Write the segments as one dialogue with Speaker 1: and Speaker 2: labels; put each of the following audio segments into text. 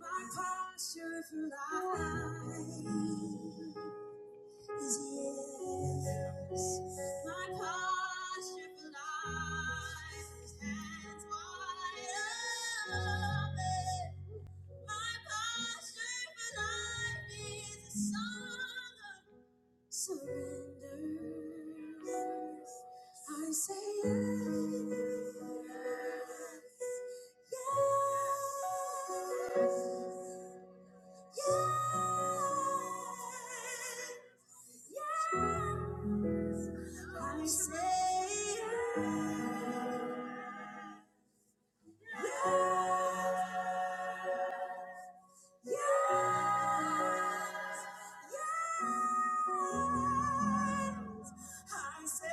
Speaker 1: My posture through life is yes. My posture through life is hands wide open. My posture for life is a song. of Surrender. Yes. I say yes. Yes. Yes. Yes. I say yes. Yes. Yes, yes, I say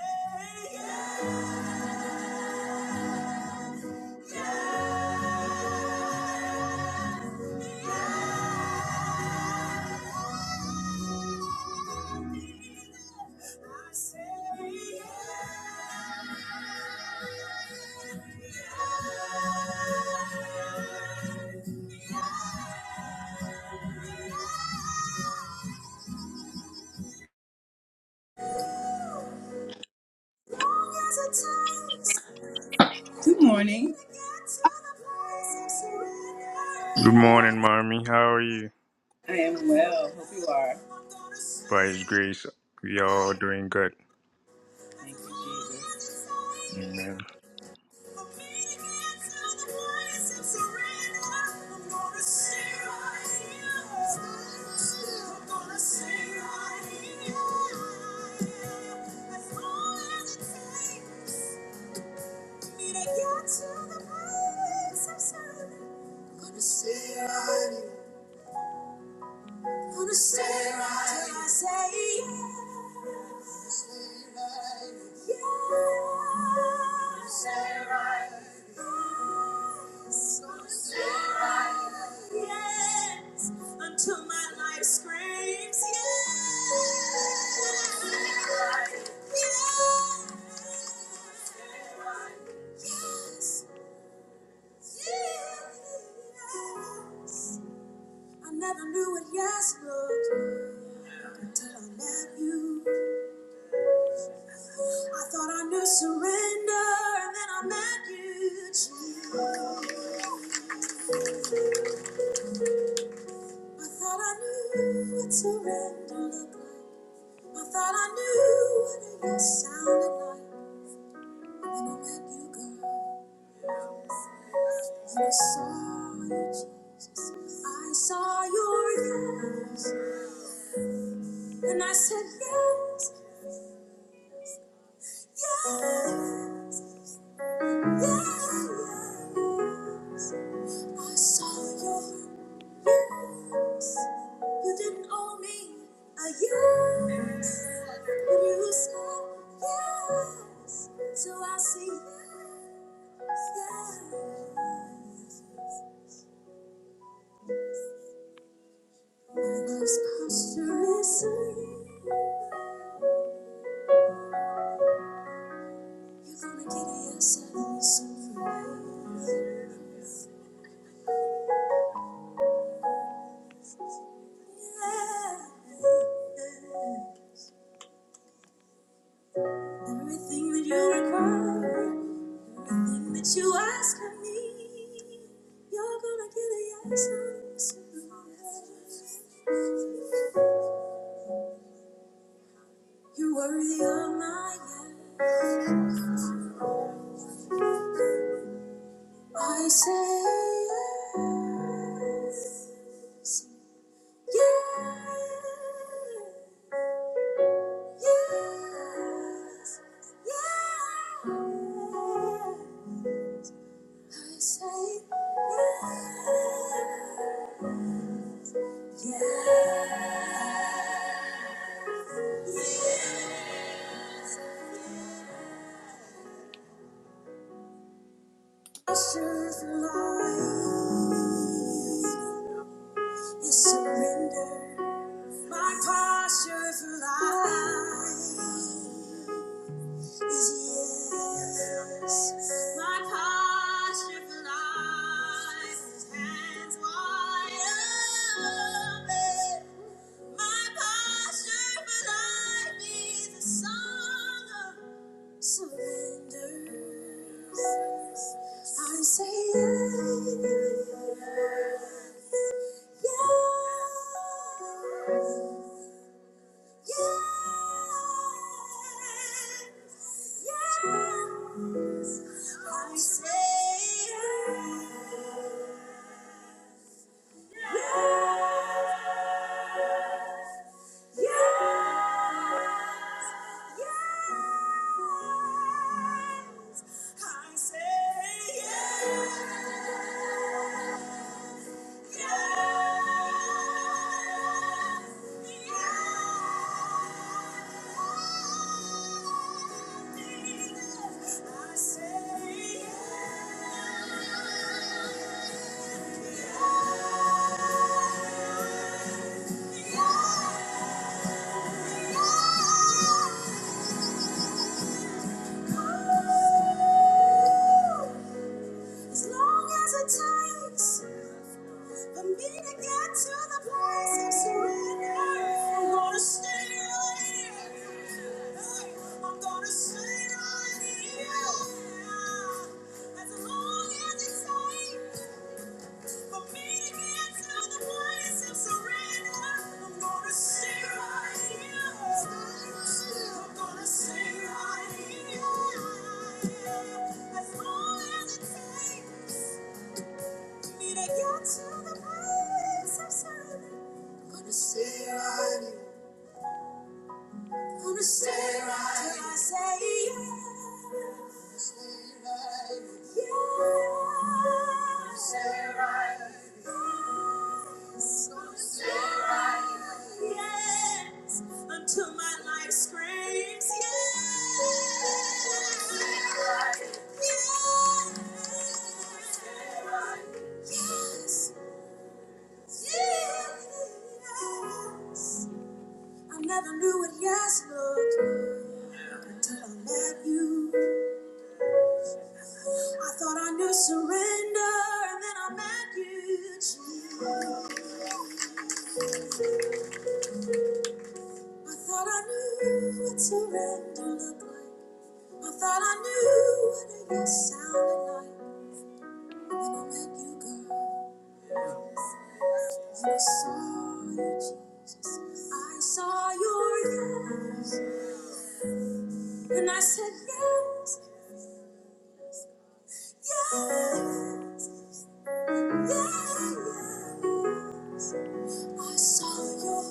Speaker 1: yes, yes, yes, I say yes, yes, yes. Long as it takes. Good morning.
Speaker 2: Good morning, mommy. How are you?
Speaker 1: I am well. Hope you are.
Speaker 2: By His grace, we are all doing good.
Speaker 1: Thank
Speaker 2: Amen.
Speaker 1: you, Jesus. Gonna stay right till I say yes. Stay right. Yes. Stay right. Yes. Gonna stay right. Yes. Until my life screams yes. Gonna Stay right. Yes. Gonna Stay right. Yes. Yes. I never knew what yes looked like until I met you. I thought I knew surrender, and then I met you. Jesus. I thought I knew what surrender looked like. I thought I knew what a yes sounded like. And I I saw you, Jesus, I saw your yes. And I said, Yes, yes, yes. I saw your yes. You didn't owe me a yes, but you said yes. So I see. Everything that you require, everything that you ask of me, you're gonna get a yes. You're worthy of my yes. I say yes, yes, yes, yes. I say yes, yes, yes. Assurance lies is surrender. My posture through life is yes. My posture through life is hands wide open. My posture through life is a song of surrender. I say yes, yes. Yes, yes, I say yes, yes, yes, yes, I say yes, yes, yes. As long as it takes for me to get to the place of surrender, I'm gonna stay right here. I'm gonna stay right here. As long as it takes. For me to get to the place of surrender, I'm gonna stay right here. I'm gonna stay right here. As long as it takes me to get to the place of surrender, I'm gonna stay right here gonna stay right till I say yes. Stay right. Yes. Stay right. Yes. Gonna stay right. Yes. Until my life screams yes. Gonna Stay right. Yes. Gonna Stay right. Yes. Yes. I never knew what yes looked like until I met you. I thought I knew surrender, and then I met you. Jesus. I thought I knew what surrender looked like. I thought I knew what a yes sounded like. Then I met you, girl. And I saw you, Jesus. I saw your yes, and I said yes, yes. I saw your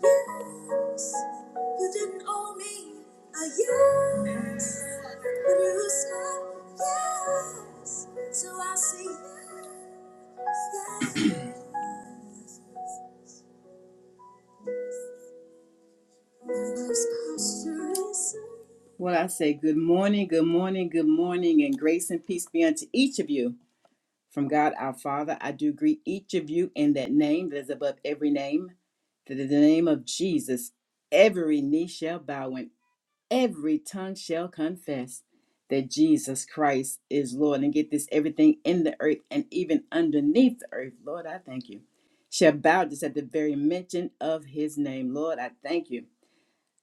Speaker 1: yes. You didn't owe me a yes. But you said yes. So I say yes. Those postures. Well, I say good morning, good morning, good morning, and grace and peace be unto each of you. From God our Father, I do greet each of you in that name that is above every name, that in the name of Jesus, every knee shall bow and every tongue shall confess that Jesus Christ is Lord. And get this everything in the earth and even underneath the earth, Lord, I thank you, shall bow just at the very mention of his name. Lord, I thank you.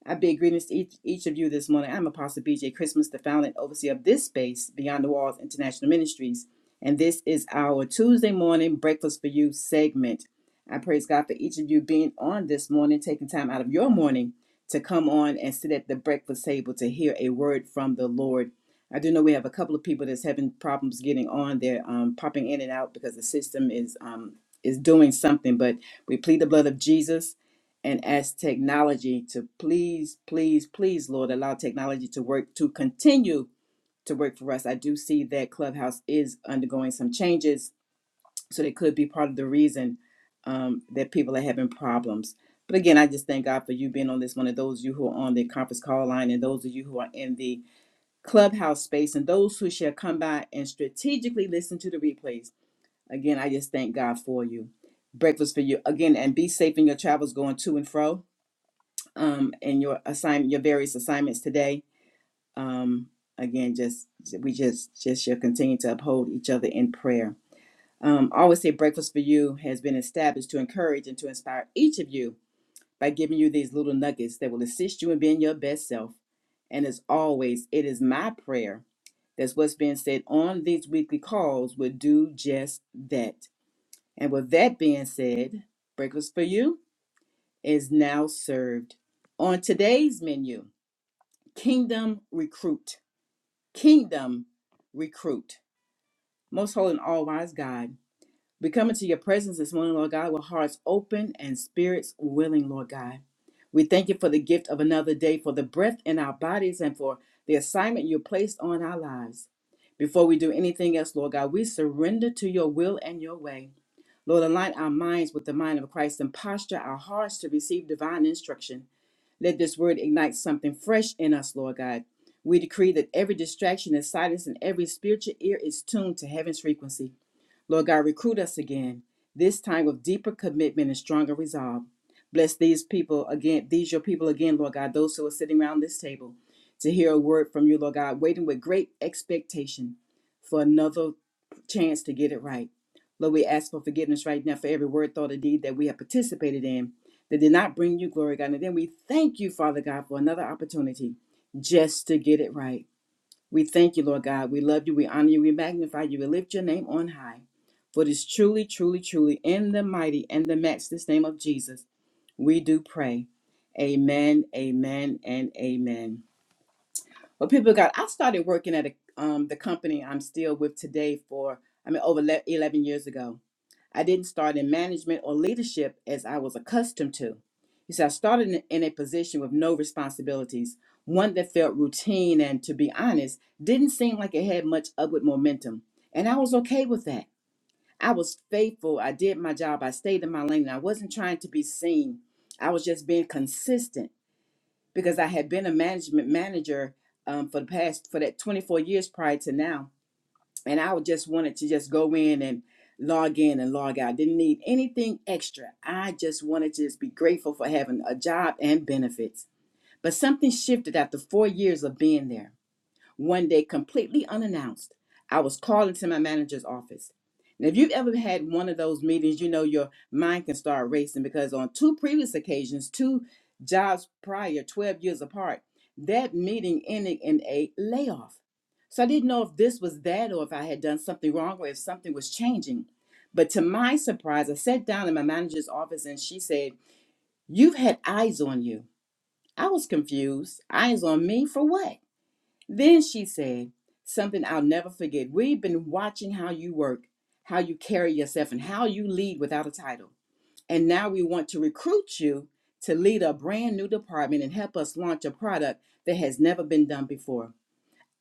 Speaker 1: I bid greetings to each, each of you this morning. I'm Apostle BJ Christmas, the founder and overseer of this space, Beyond the Walls International Ministries. And this is our Tuesday morning Breakfast for You segment. I praise God for each of you being on this morning, taking time out of your morning to come on and sit at the breakfast table to hear a word from the Lord. I do know we have a couple of people that's having problems getting on. They're um, popping in and out because the system is um, is doing something. But we plead the blood of Jesus and ask technology to please, please, please, Lord, allow technology to work, to continue to work for us. I do see that Clubhouse is undergoing some changes, so that could be part of the reason um, that people are having problems. But again, I just thank God for you being on this one, and those of you who are on the conference call line, and those of you who are in the Clubhouse space, and those who shall come by and strategically listen to the replays. Again, I just thank God for you. Breakfast for you. Again, and be safe in your travels going to and fro um, and your assignment, your various assignments today. Um, again, just we just just shall continue to uphold each other in prayer. Um, I always say breakfast for you has been established to encourage and to inspire each of you by giving you these little nuggets that will assist you in being your best self. And as always, it is my prayer that what's being said on these weekly calls will do just that. And with that being said, breakfast for you is now served on today's menu. Kingdom recruit. Kingdom recruit. Most holy and all wise God, we come into your presence this morning, Lord God, with hearts open and spirits willing, Lord God. We thank you for the gift of another day, for the breath in our bodies, and for the assignment you placed on our lives. Before we do anything else, Lord God, we surrender to your will and your way. Lord, align our minds with the mind of Christ and posture our hearts to receive divine instruction. Let this word ignite something fresh in us, Lord God. We decree that every distraction is silenced and every spiritual ear is tuned to heaven's frequency. Lord God, recruit us again, this time with deeper commitment and stronger resolve. Bless these people again, these your people again, Lord God, those who are sitting around this table to hear a word from you, Lord God, waiting with great expectation for another chance to get it right. Lord, we ask for forgiveness right now for every word, thought, or deed that we have participated in that did not bring you glory, God. And then we thank you, Father God, for another opportunity just to get it right. We thank you, Lord God. We love you. We honor you. We magnify you. We lift your name on high. For it is truly, truly, truly in the mighty and the matchless name of Jesus we do pray. Amen, amen, and amen. Well, people of God, I started working at a, um, the company I'm still with today for, I mean, over le- 11 years ago. I didn't start in management or leadership as I was accustomed to. He said, I started in in a position with no responsibilities, one that felt routine and, to be honest, didn't seem like it had much upward momentum. And I was okay with that. I was faithful. I did my job. I stayed in my lane. and I wasn't trying to be seen. I was just being consistent because I had been a management manager um, for the past, for that 24 years prior to now and I just wanted to just go in and log in and log out. Didn't need anything extra. I just wanted to just be grateful for having a job and benefits. But something shifted after four years of being there. One day, completely unannounced, I was called into my manager's office. And if you've ever had one of those meetings, you know your mind can start racing because on two previous occasions, two jobs prior, 12 years apart, that meeting ended in a layoff. So I didn't know if this was that or if I had done something wrong or if something was changing. But to my surprise, I sat down in my manager's office and she said, You've had eyes on you. I was confused. Eyes on me for what? Then she said, Something I'll never forget. We've been watching how you work, how you carry yourself, and how you lead without a title. And now we want to recruit you to lead a brand new department and help us launch a product that has never been done before.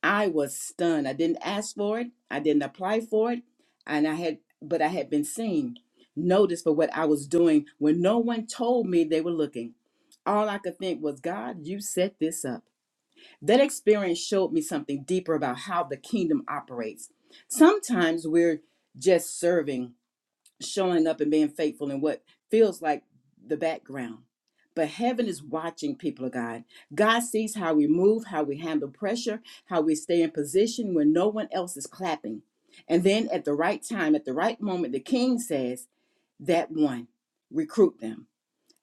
Speaker 1: I was stunned. I didn't ask for it, I didn't apply for it, and I had but I had been seen, noticed for what I was doing when no one told me they were looking. All I could think was, God, you set this up. That experience showed me something deeper about how the kingdom operates. Sometimes we're just serving, showing up, and being faithful in what feels like the background. But heaven is watching people of God. God sees how we move, how we handle pressure, how we stay in position when no one else is clapping. And then at the right time, at the right moment, the king says, That one, recruit them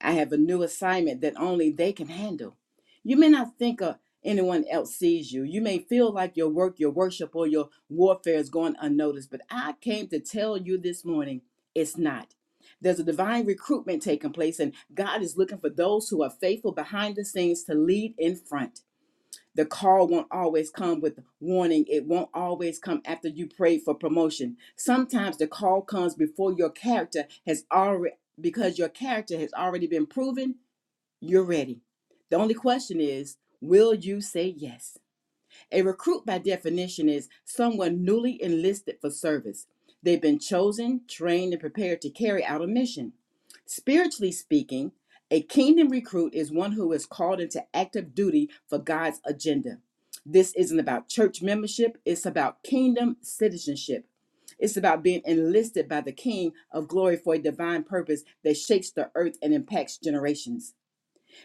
Speaker 1: I have a new assignment that only they can handle. You may not think of anyone else sees you. You may feel like your work, your worship, or your warfare is going unnoticed, but I came to tell you this morning it's not. There's a divine recruitment taking place, and God is looking for those who are faithful behind the scenes to lead in front the call won't always come with warning. It won't always come after you pray for promotion. Sometimes the call comes before your character has already, because your character has already been proven, you're ready. The only question is, will you say yes? A recruit, by definition, is someone newly enlisted for service. They've been chosen, trained, and prepared to carry out a mission. Spiritually speaking, a kingdom recruit is one who is called into active duty for God's agenda. This isn't about church membership, it's about kingdom citizenship. It's about being enlisted by the King of glory for a divine purpose that shakes the earth and impacts generations.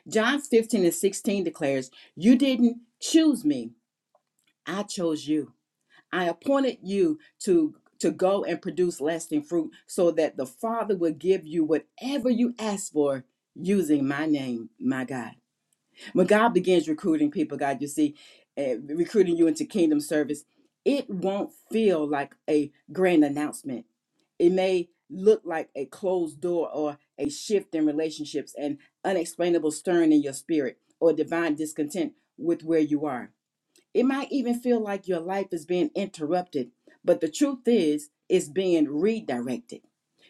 Speaker 1: John 15 and 16 declares, You didn't choose me I chose you. I appointed you to to go and produce lasting fruit so that the Father will give you whatever you ask for using my name, my God. When God begins recruiting people, God, you see, eh, recruiting you into kingdom service, it won't feel like a grand announcement. It may look like a closed door or a shift in relationships, an unexplainable stirring in your spirit or divine discontent with where you are it might even feel like your life is being interrupted, but the truth is, it's being redirected.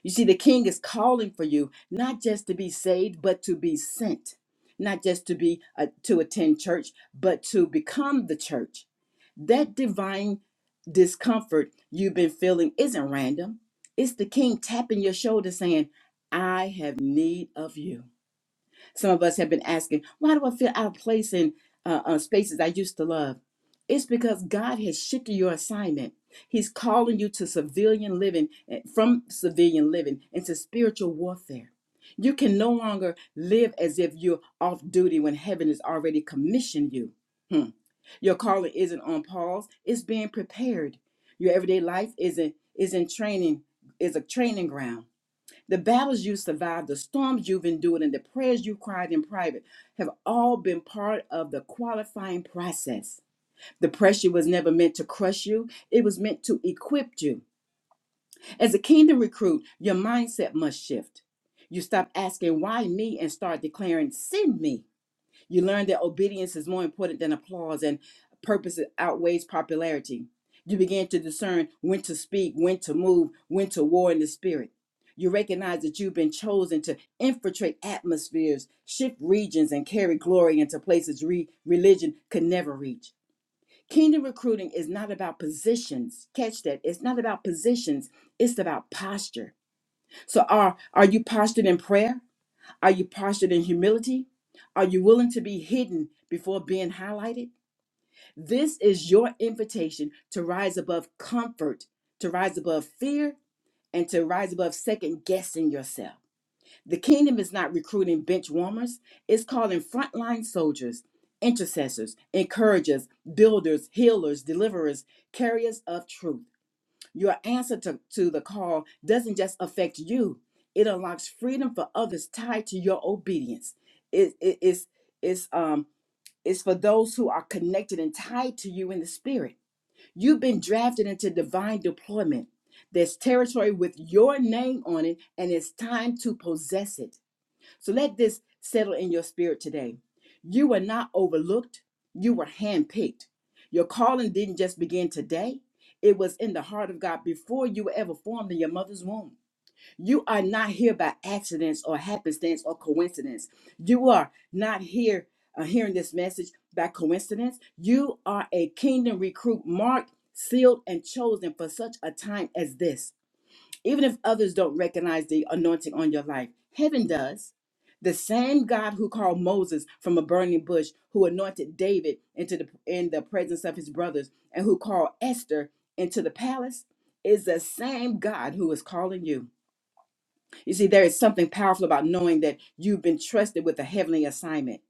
Speaker 1: You see, the king is calling for you not just to be saved, but to be sent, not just to be uh, to attend church, but to become the church. That divine discomfort you've been feeling isn't random. It's the king tapping your shoulder saying, I have need of you. Some of us have been asking, why do I feel out of place in uh, uh, spaces I used to love? It's because God has shifted your assignment. He's calling you to civilian living, eh, from civilian living into spiritual warfare. You can no longer live as if you're off duty when heaven has already commissioned you. Hmm. Your calling isn't on pause, it's being prepared. Your everyday life isn't is in training, is a training ground. The battles you survived, the storms you've endured, and the prayers you cried in private have all been part of the qualifying process. The pressure was never meant to crush you, it was meant to equip you. As a kingdom recruit, your mindset must shift. You stop asking, Why me? and start declaring, Send me. You learn that obedience is more important than applause and purpose outweighs popularity. You begin to discern when to speak, when to move, when to war in the spirit. You recognize that you've been chosen to infiltrate atmospheres, shift regions, and carry glory into places re- religion could never reach. Kingdom recruiting is not about positions. Catch that. It's not about positions, it's about posture. So, are, are you postured in prayer? Are you postured in humility? Are you willing to be hidden before being highlighted? This is your invitation to rise above comfort, to rise above fear, and to rise above second guessing yourself. The kingdom is not recruiting bench warmers, it's calling frontline soldiers, intercessors, encouragers, builders, healers, deliverers, carriers of truth. Your answer to, to the call doesn't just affect you, it unlocks freedom for others tied to your obedience. It, it- it's, it's, um, it's for those who are connected and tied to you in the spirit. You've been drafted into divine deployment. There's territory with your name on it, and it's time to possess it. So let this settle in your spirit today. You were not overlooked, you were handpicked. Your calling didn't just begin today, it was in the heart of God before you were ever formed in your mother's womb. You are not here by accidents or happenstance or coincidence. You are not here uh, hearing this message by coincidence. You are a kingdom recruit marked, sealed, and chosen for such a time as this even if others don't recognize the anointing on your life, heaven does. The same God who called Moses from a burning bush, who anointed David into the in the presence of his brothers, and who called Esther into the palace, is the same God who is calling you. You see, there is something powerful about knowing that you've been trusted with a heavenly assignment.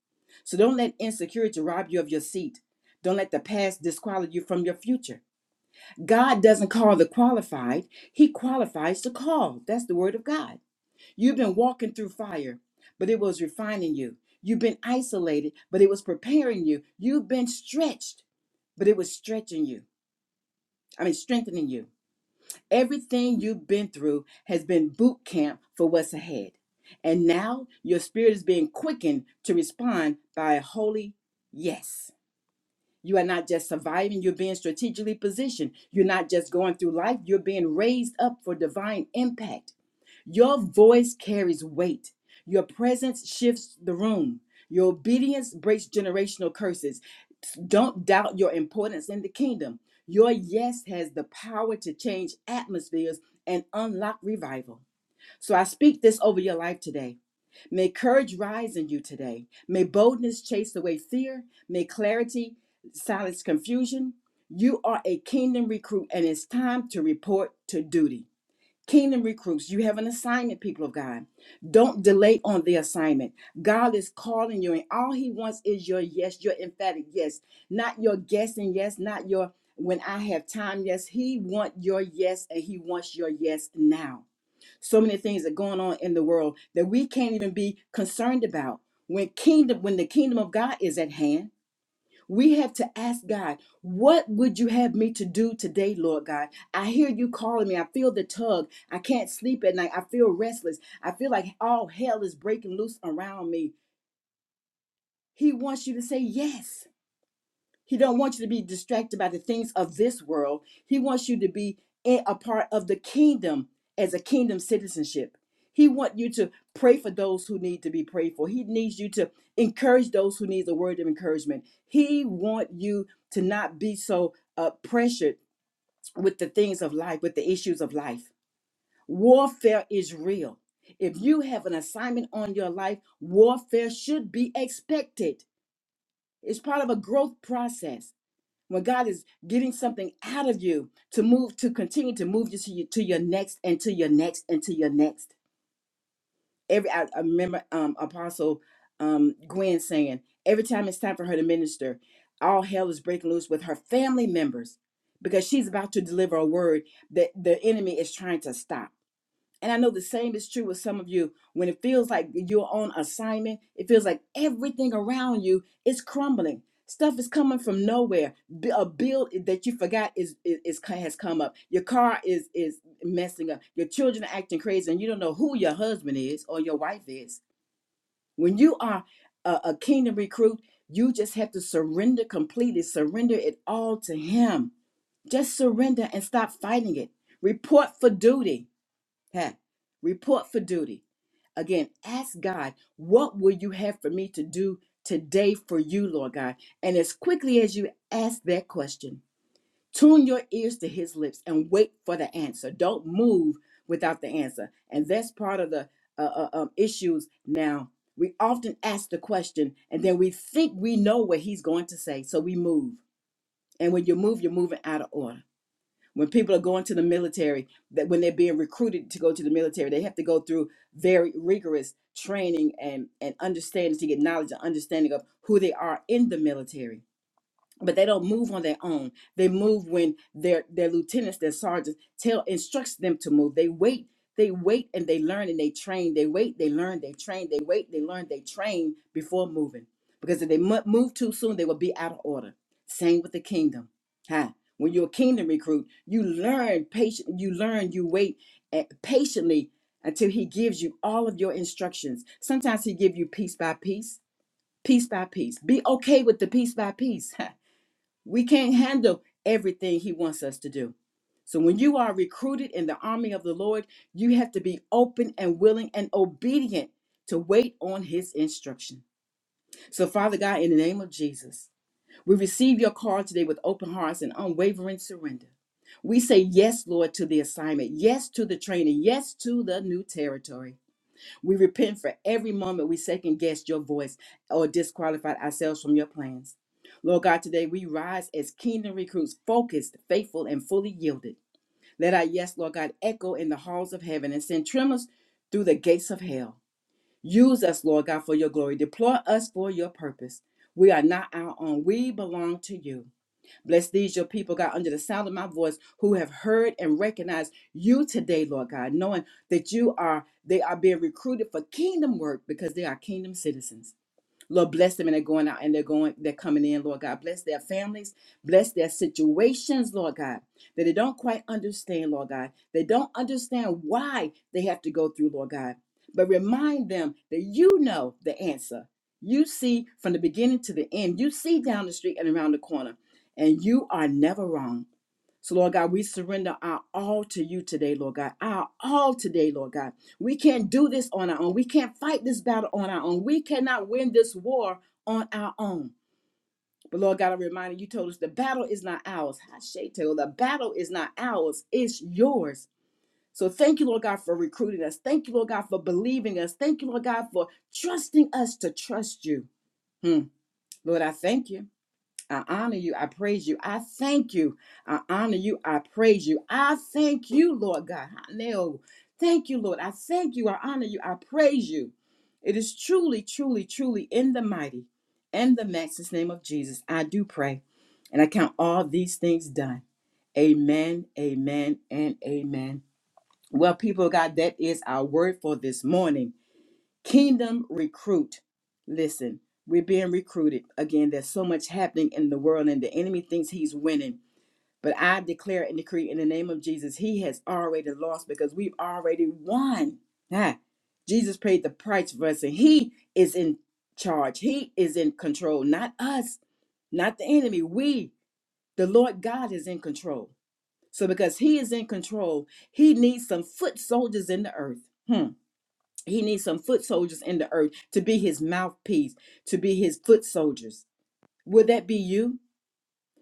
Speaker 1: So don't let insecurity rob you of your seat. Don't let the past disqualify you from your future. God doesn't call the qualified, He qualifies the call. That's the word of God. You've been walking through fire, but it was refining you. You've been isolated, but it was preparing you. You've been stretched, but it was stretching you. I mean, strengthening you. Everything you've been through has been boot camp for what's ahead. And now your spirit is being quickened to respond by a holy yes. You are not just surviving, you're being strategically positioned. You're not just going through life, you're being raised up for divine impact. Your voice carries weight, your presence shifts the room. Your obedience breaks generational curses. Don't doubt your importance in the kingdom. Your yes has the power to change atmospheres and unlock revival. So I speak this over your life today. May courage rise in you today. May boldness chase away fear. May clarity silence confusion. You are a kingdom recruit, and it's time to report to duty. Kingdom recruits, you have an assignment, people of God. Don't delay on the assignment. God is calling you, and all He wants is your yes, your emphatic yes, not your guessing yes, not your when I have time yes. He wants your yes, and He wants your yes now so many things are going on in the world that we can't even be concerned about when kingdom when the kingdom of god is at hand we have to ask god what would you have me to do today lord god i hear you calling me i feel the tug i can't sleep at night i feel restless i feel like all hell is breaking loose around me he wants you to say yes he don't want you to be distracted by the things of this world. He wants you to be in a part of the kingdom as a kingdom citizenship. He want you to pray for those who need to be prayed for. He needs you to encourage those who need the word of encouragement. He want you to not be so uh, pressured with the things of life, with the issues of life. Warfare is real. If you have an assignment on your life, warfare should be expected. It's part of a growth process when God is getting something out of you to move to continue to move you to your, to your next and to your next and to your next. Every I, I remember um, Apostle um, Gwen saying every time it's time for her to minister, all hell is breaking loose with her family members because she's about to deliver a word that the enemy is trying to stop. And I know the same is true with some of you. When it feels like you're on assignment, it feels like everything around you is crumbling. Stuff is coming from nowhere. B- A bill that you forgot is, is, is has come up. Your car is is messing up. Your children are acting crazy, and you don't know who your husband is or your wife is. When you are a, a kingdom recruit, you just have to surrender completely. Surrender it all to Him. Just surrender and stop fighting it. Report for duty Huh. Report for duty. Again, ask God, what will you have for me to do today for you, Lord God? And as quickly as you ask that question, tune your ears to his lips and wait for the answer. Don't move without the answer. And that's part of the uh, uh, um, issues now. We often ask the question and then we think we know what he's going to say, so we move. And when you move, you're moving out of order. When people are going to the military, that when they're being recruited to go to the military, they have to go through very rigorous training and, and understanding to get knowledge and understanding of who they are in the military but they don't move on their own. They move when their their lieutenants, their sergeants tell instructs them to move. They wait, they wait and they learn and they train. They wait, they learn, they train. They wait, they learn, they train before moving. Because if they mo- move too soon, they will be out of order. Same with the kingdom. Huh? When you're a kingdom recruit, you learn patient, you learn, you wait eh, patiently until he gives you all of your instructions. Sometimes he give you piece by piece, piece by piece. Be okay with the piece by piece. We can't handle everything He wants us to do. So when you are recruited in the army of the Lord, you have to be open and willing and obedient to wait on His instruction. So, Father God, in the name of Jesus, we receive your call today with open hearts and unwavering surrender. We say yes, Lord, to the assignment, yes to the training, yes to the new territory. We repent for every moment we second guessed your voice or disqualified ourselves from your plans. Lord God, today we rise as kingdom recruits, focused, faithful, and fully yielded. Let our yes, Lord God, echo in the halls of heaven and send tremors through the gates of hell. Use us, Lord God, for your glory. Deploy us for your purpose. We are not our own. We belong to you. Bless these, your people, God, under the sound of my voice, who have heard and recognized you today, Lord God, knowing that you are, they are being recruited for kingdom work because they are kingdom citizens. Lord, bless them and they're going out and they're going, they're coming in, Lord God. Bless their families, bless their situations, Lord God, that they don't quite understand, Lord God. They don't understand why they have to go through, Lord God. But remind them that you know the answer. You see from the beginning to the end, you see down the street and around the corner, and you are never wrong. So, Lord God, we surrender our all to you today, Lord God. Our all today, Lord God. We can't do this on our own. We can't fight this battle on our own. We cannot win this war on our own. But, Lord God, I remind you, you told us the battle is not ours. Hashetel, the battle is not ours, it's yours. So, thank you, Lord God, for recruiting us. Thank you, Lord God, for believing us. Thank you, Lord God, for trusting us to trust you. Hmm. Lord, I thank you. I honor you. I praise you. I thank you. I honor you. I praise you. I thank you, Lord God. No, thank you, Lord. I thank you. I honor you. I praise you. It is truly, truly, truly in the mighty and the matchless name of Jesus. I do pray and I count all these things done. Amen, amen, and amen. Well, people of God, that is our word for this morning. Kingdom recruit. Listen, we're being recruited. Again, there's so much happening in the world, and the enemy thinks he's winning. But I declare and decree in the name of Jesus, he has already lost because we've already won. Ah, Jesus paid the price for us, and he is in charge. He is in control, not us, not the enemy. We, the Lord God, is in control. So because he is in control, he needs some foot soldiers in the earth. Hmm he needs some foot soldiers in the earth to be his mouthpiece, to be his foot soldiers. Will that be you?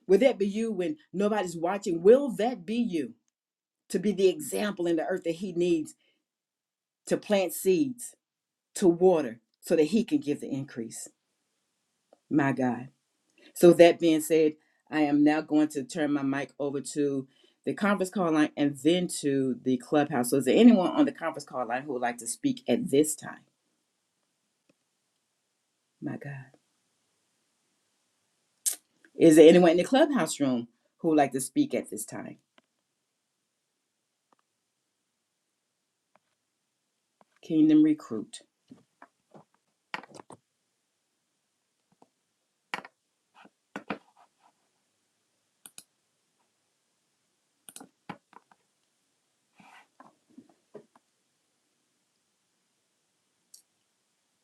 Speaker 1: Will that be you when nobody's watching? Will that be you to be the example in the earth that he needs to plant seeds, to water, so that he can give the increase? My God. So, that being said, I am now going to turn my mic over to the conference call line and then to the clubhouse. So, is there anyone on the conference call line who would like to speak at this time? My God. Is there anyone in the clubhouse room who would like to speak at this time? Kingdom Recruit.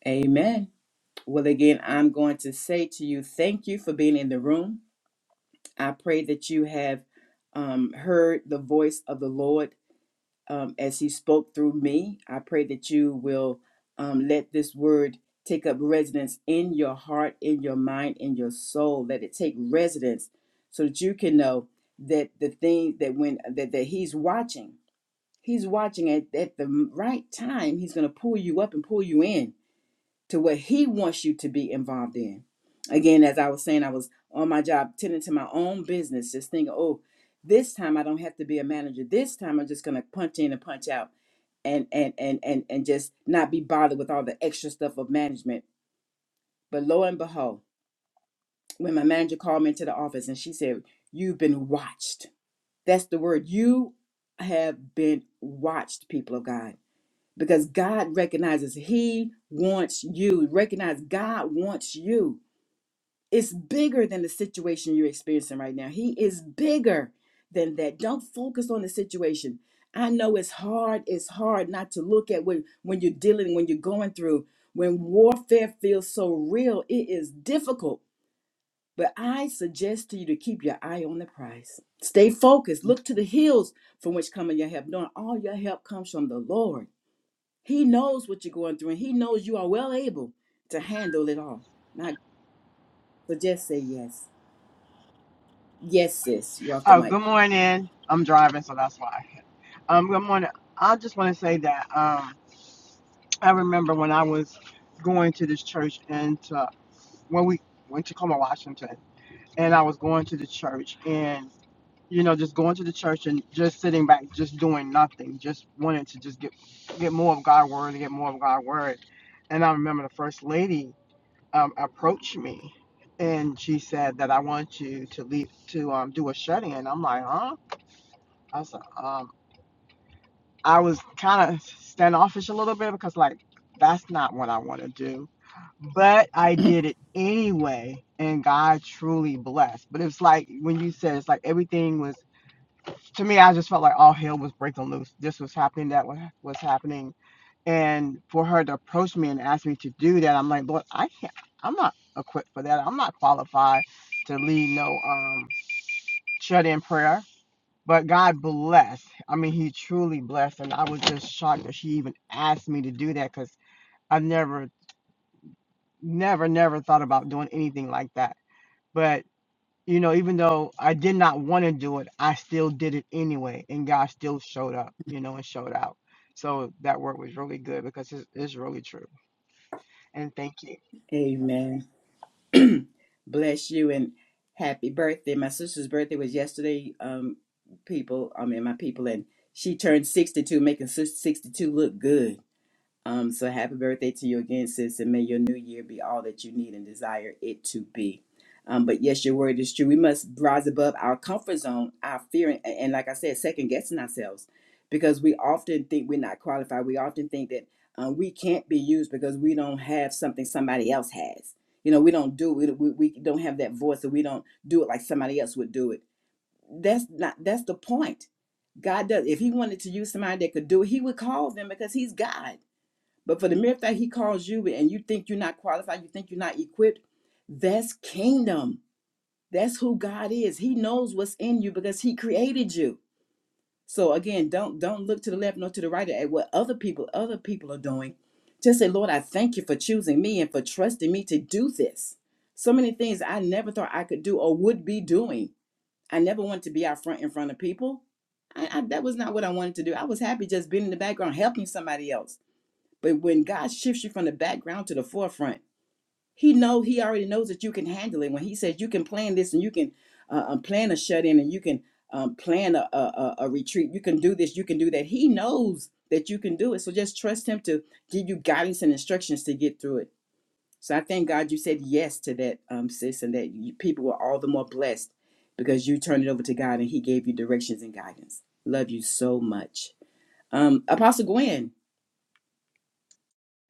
Speaker 1: Amen. Well, again, I'm going to say to you, thank you for being in the room. I pray that you have um, heard the voice of the Lord um, as He spoke through me. I pray that you will um, let this word take up residence in your heart, in your mind, in your soul. Let it take residence so that you can know that the thing that when that, that He's watching He's watching at, at the right time. He's going to pull you up and pull you in to what he wants you to be involved in. Again, as I was saying, I was on my job, tending to my own business, just thinking, oh, this time I don't have to be a manager. This time I'm just going to punch in and punch out and, and, and, and, and just not be bothered with all the extra stuff of management. But lo and behold, when my manager called me into the office and she said, You've been watched. That's the word. You have been watched, people of God because God recognizes He wants you. Recognize God wants you. It's bigger than the situation you're experiencing right now. He is bigger than that. Don't focus on the situation. I know it's hard. It's hard not to look at what when you're dealing, when you're going through, when warfare feels so real. It is difficult. But I suggest to you to keep your eye on the prize. Stay focused. Look to the hills from which coming. your help, knowing all your help comes from the Lord. He knows what you're going through, and He knows you are well able to handle it all. Not so just say yes. Yes, sis. You're off the
Speaker 3: Oh,
Speaker 1: mic.
Speaker 3: good morning. I'm driving, so that's why. Um, good morning. I just want to say that um, I remember when I was going to this church and to, when we went to Tacoma, Washington, and I was going to the church and you know just going to the church and just sitting back, just doing nothing, just wanted to just get get more of God's word and get more of God's word. And I remember the first lady um, approached me and she said that I want you to lead to um, do a shut in. I'm like, huh? I said, um, I was kind of standoffish a little bit because, like, that's not what I want to do. But I did it anyway, and God truly blessed. But it's like when you said it's like everything was to me. I just felt like all hell was breaking loose. This was happening. That was was happening. And for her to approach me and ask me to do that, I'm like, Lord, I can't. I'm not equipped for that. I'm not qualified to lead no um shut in prayer. But God blessed. I mean, He truly blessed, and I was just shocked that she even asked me to do that because I've never, never, never thought about doing anything like that. But you know, even though I did not want to do it, I still did it anyway, and God still showed up, you know, and showed out. So that word was really good because it's, it's really true. And thank you.
Speaker 1: Amen. Bless you and happy birthday. My sister's birthday was yesterday. Um, people, I mean, my people, and she turned 62, making sis- 62 look good. Um, so happy birthday to you again, sis, and may your new year be all that you need and desire it to be. Um, but yes, your word is true. We must rise above our comfort zone, our fear, and, and like I said, second guessing ourselves because we often think we're not qualified. We often think that um, we can't be used because we don't have something somebody else has. You know, we don't do it. We, we don't have that voice, or we don't do it like somebody else would do it. That's not. That's the point. God does. If He wanted to use somebody that could do it, He would call them because He's God but for the mere fact he calls you and you think you're not qualified, you think you're not equipped, that's kingdom. That's who God is. He knows what's in you because he created you. So again, don't don't look to the left nor to the right at what other people other people are doing. Just say, Lord, I thank you for choosing me and for trusting me to do this. So many things I never thought I could do or would be doing. I never wanted to be out front in front of people. I, I, that was not what I wanted to do. I was happy just being in the background helping somebody else but when God shifts you from the background to the forefront, He know He already knows that you can handle it. When He says you can plan this and you can uh, um, plan a shut in and you can um, plan a, a a a retreat, you can do this, you can do that. He knows that you can do it. So just trust Him to give you guidance and instructions to get through it. So I thank God you said yes to that, um, sis, and that you, people were all the more blessed because you turned it over to God and He gave you directions and guidance. Love you so much, um, Apostle Gwen.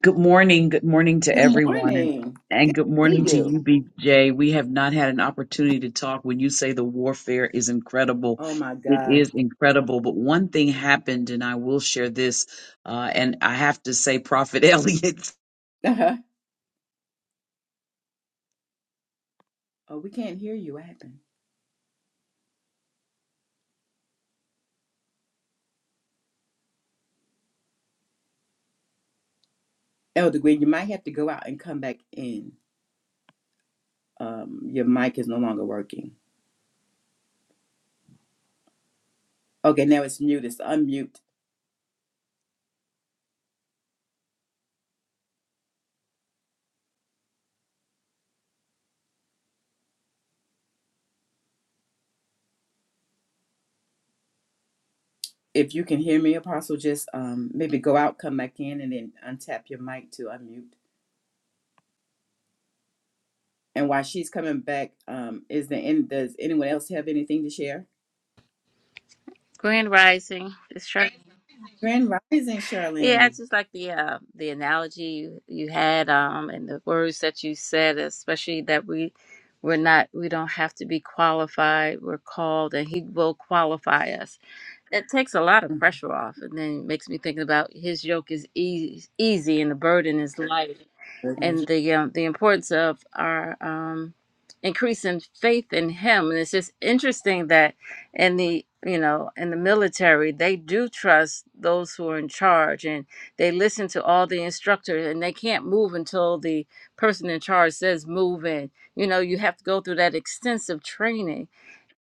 Speaker 4: Good morning. Good morning to
Speaker 1: Good
Speaker 4: everyone. And,
Speaker 1: morning.
Speaker 4: and good
Speaker 1: See
Speaker 4: morning to
Speaker 1: you.
Speaker 4: you, BJ. We have not had an opportunity to talk. When you say the warfare is incredible,
Speaker 1: Oh my
Speaker 4: it
Speaker 1: God.
Speaker 4: is incredible. But one thing happened, and I will share this. Uh, and I have to say, Prophet Elliot.
Speaker 1: Uh-huh. Oh, we can't hear you. What happened? Elder Gwen, you might have to go out and come back in. Um, your mic is no longer working. Okay, now it's mute. It's unmute. If you can hear me, Apostle, just um maybe go out, come back in, and then untap your mic to unmute. And while she's coming back, um, is there any, does anyone else have anything to share?
Speaker 5: Grand Rising. It's true.
Speaker 1: Grand Rising,
Speaker 5: Yeah, I
Speaker 1: Charlene.
Speaker 5: just like the uh, the analogy you, you had, um, and the words that you said, especially that we we're not we don't have to be qualified. We're called, and He will qualify us. That takes a lot of pressure off, and then makes me thinking about His yoke is easy, easy, and the burden is light
Speaker 1: Mm-hmm.
Speaker 5: and the um, the importance of our um, increase in faith in Him. And it's just interesting that in the you know in the military they do trust those who are in charge and they listen to all the instructors and they can't move until the person in charge says move in you know you have to go through that extensive training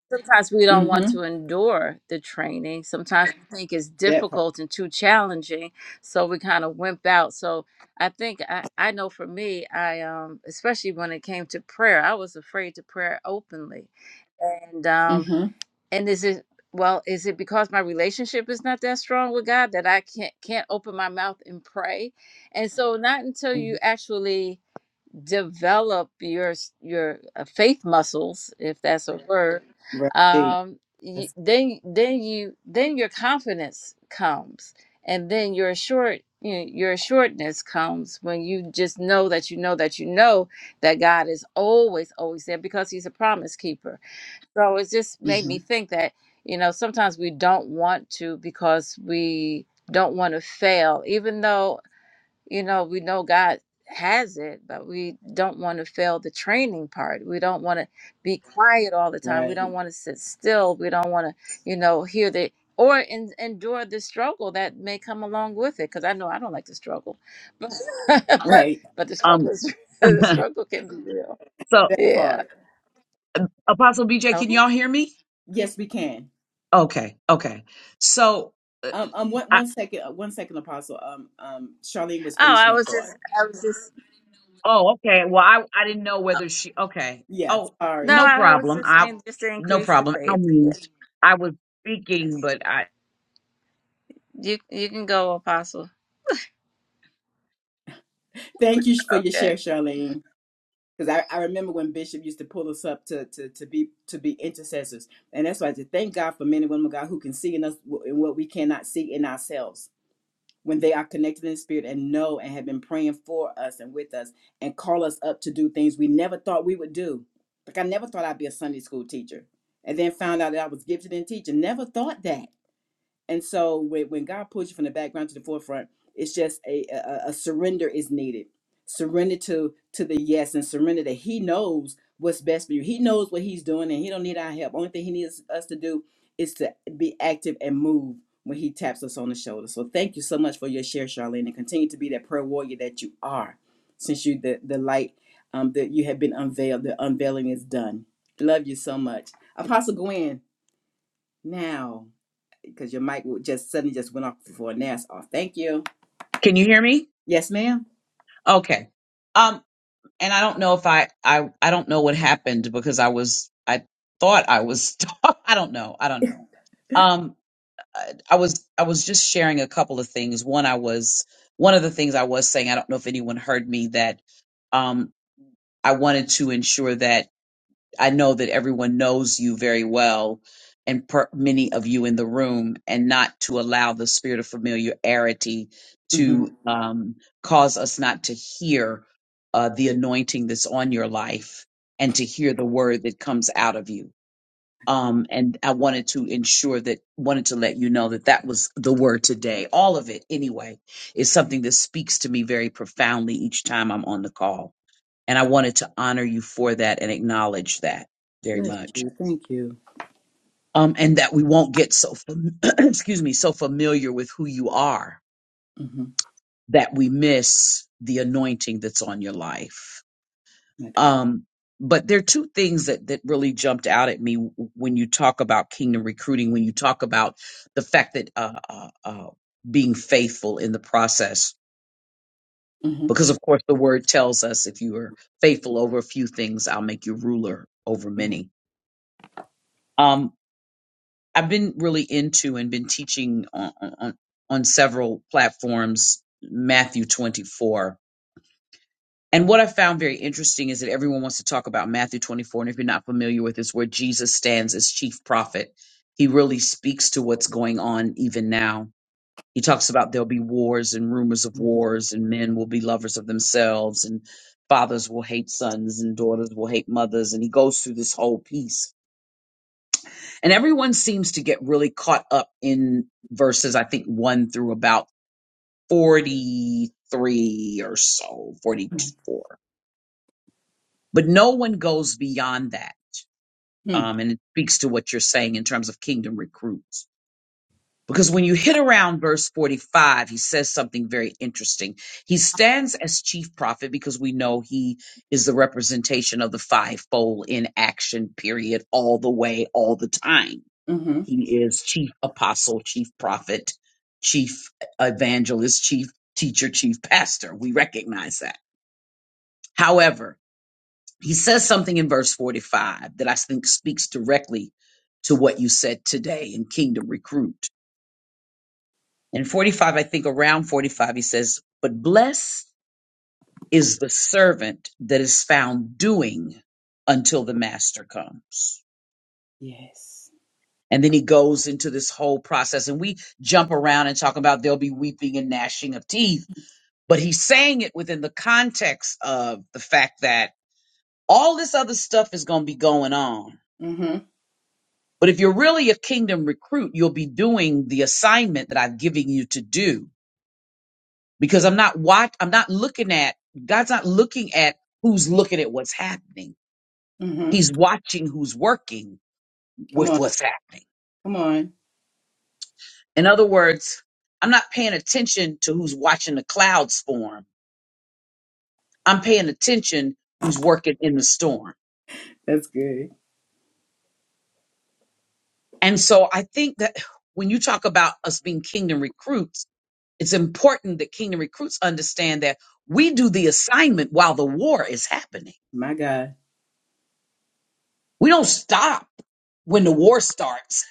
Speaker 5: sometimes we don't want
Speaker 1: Mm-hmm.
Speaker 5: to endure the training. Sometimes we think it's
Speaker 1: That part.
Speaker 5: difficult and too challenging, so we kind of wimp out. So I think I, I know for me, I um especially when it came to prayer, I was afraid to pray openly. And um
Speaker 1: Mm-hmm.
Speaker 5: and is it well, is it because my relationship is not that strong with God that I can't can't open my mouth and pray? And so not until
Speaker 1: Mm-hmm.
Speaker 5: you actually develop your your uh, faith muscles, if that's a word,
Speaker 1: Right.
Speaker 5: um, you,
Speaker 1: That's-
Speaker 5: then then you then your confidence comes, and then your assured you know, your assuredness comes when you just know that you know that you know that God is always always there because He's a promise keeper. So it just made me
Speaker 1: mhm.
Speaker 5: think that you know sometimes we don't want to because we don't want to fail, even though you know, we know God has it, but we don't want to fail the training part. We don't want to be quiet all the time. We
Speaker 1: Right.
Speaker 5: don't want to sit still. We don't want to, you know, hear the or en endure the struggle that may come along with it. Because I know I don't like to struggle, but but
Speaker 1: Right.
Speaker 5: but the struggle
Speaker 4: Um,
Speaker 5: is the struggle can be real.
Speaker 4: so,
Speaker 1: That part.
Speaker 5: Yeah.
Speaker 4: Apostle BJ, can
Speaker 5: Okay.
Speaker 4: y'all hear me?
Speaker 1: Yes, we can.
Speaker 4: Okay. Okay. So, uh,
Speaker 1: Um, um, one, one second, uh, one second, Apostle. Um, um, Charlene was
Speaker 5: Oh,
Speaker 1: finishing
Speaker 5: I
Speaker 1: a
Speaker 5: was
Speaker 1: thought.
Speaker 5: just I was just
Speaker 4: Oh, okay. Well, I I didn't know
Speaker 5: oh,
Speaker 4: whether she. Okay.
Speaker 1: Yeah,
Speaker 4: Oh,
Speaker 5: no,
Speaker 1: sorry.
Speaker 4: no
Speaker 5: I was
Speaker 4: problem.
Speaker 5: just
Speaker 4: I
Speaker 5: saying just to
Speaker 4: no
Speaker 5: increase the
Speaker 4: problem. I
Speaker 5: faith. Yes.
Speaker 4: moved. I was speaking,
Speaker 5: Yes.
Speaker 4: but I
Speaker 5: You you can go, Apostle.
Speaker 1: Thank you for your
Speaker 5: Okay.
Speaker 1: share, Charlene. Because I, I remember when Bishop used to pull us up to, to, to be to be intercessors, and that's why I said thank God for men and women of God who can see in us wh- in what we cannot see in ourselves when they are connected in the spirit and know and have been praying for us and with us and call us up to do things we never thought we would do. Like I never thought I'd be a Sunday school teacher, and then found out that I was gifted in teaching. Never thought that And so when, when God pulls you from the background to the forefront, it's just a, a, a surrender is needed. Surrender to to the yes and surrender that He knows what's best for you. He knows what He's doing and He don't need our help. Only thing He needs us to do is to be active and move when He taps us on the shoulder. So thank you so much for your share, Charlene, and continue to be that prayer warrior that you are. Since you the the light um, that you have been unveiled, the unveiling is done. Love you so much, Apostle Gwen. Now because your mic would just suddenly just went off before NAS off. Thank you.
Speaker 4: can you hear me?
Speaker 1: Yes, madam
Speaker 4: Okay. Um, and I don't know if I I I don't know what happened because I was I thought I was I don't know. I don't know. Um, I, I was I was just sharing a couple of things. One, I was one of the things I was saying. I don't know if anyone heard me that. Um, I wanted to ensure that I know that everyone knows you very well and per- many of you in the room, and not to allow the spirit of familiarity
Speaker 1: Mm-hmm.
Speaker 4: to um, cause us not to hear uh, the anointing that's on your life and to hear the word that comes out of you. Um, and I wanted to ensure that, wanted to let you know that that was the word today. All of it, anyway, is something that speaks to me very profoundly each time I'm on the call and I wanted to honor you for that and acknowledge that very
Speaker 1: Bless
Speaker 4: much.
Speaker 1: you. Thank you.
Speaker 4: Um, and that we won't get so, fam- excuse me, so familiar with who you are
Speaker 1: Mm-hmm.
Speaker 4: that we miss the anointing that's on your life.
Speaker 1: My God.
Speaker 4: Um, but there are two things that, that really jumped out at me w- when you talk about kingdom recruiting, when you talk about the fact that, uh, uh, uh, being faithful in the process,
Speaker 1: Mm-hmm.
Speaker 4: because of course the word tells us if you are faithful over a few things, I'll make you ruler over
Speaker 1: Yes.
Speaker 4: many Um, I've been really into and been teaching on, on, on several platforms Matthew 24. And what I found very interesting is that everyone wants to talk about Matthew 24. And if you're not familiar with this, where Jesus stands as chief prophet, he really speaks to what's going on even now. He talks about there'll be wars and rumors of
Speaker 1: Mm-hmm.
Speaker 4: wars, and men will be lovers of themselves, and fathers will hate sons, and daughters will hate mothers. And he goes through this whole piece and everyone seems to get really caught up in verses, I think, one through about 43 or so, 44. But no one goes beyond that. Um, and it speaks to what you're saying in terms of kingdom recruits. Because when you hit around verse 45, he says something very interesting. He stands as chief prophet because we know he is the representation of the fivefold in action, period, all the way, all the time
Speaker 1: Mm-hmm.
Speaker 4: He is chief apostle, chief prophet, chief evangelist, chief teacher, chief pastor. We recognize that. However, he says something in verse 45 that I think speaks directly to what you said today in Kingdom Recruit. In 45, I think around 45, he says, But blessed is the servant that is found doing until the master comes.
Speaker 1: Yes.
Speaker 4: And then he goes into this whole process, and we jump around and talk about there'll be weeping and gnashing of teeth but he's saying it within the context of the fact that all this other stuff is going to be going on.
Speaker 1: Mm-hmm.
Speaker 4: But if you're really a kingdom recruit, you'll be doing the assignment that I've given you to do because I'm not watch I'm not looking at God's not looking at who's looking at what's happening.
Speaker 1: Mm-hmm.
Speaker 4: He's watching who's working
Speaker 1: Come
Speaker 4: with
Speaker 1: on.
Speaker 4: what's happening.
Speaker 1: Come on.
Speaker 4: In other words, I'm not paying attention to who's watching the clouds form. I'm paying attention who's working in the storm.
Speaker 1: That's good.
Speaker 4: And so I think that when you talk about us being kingdom recruits, it's important that kingdom recruits understand that we do the assignment while the war is happening.
Speaker 1: My God.
Speaker 4: We don't stop when the war starts.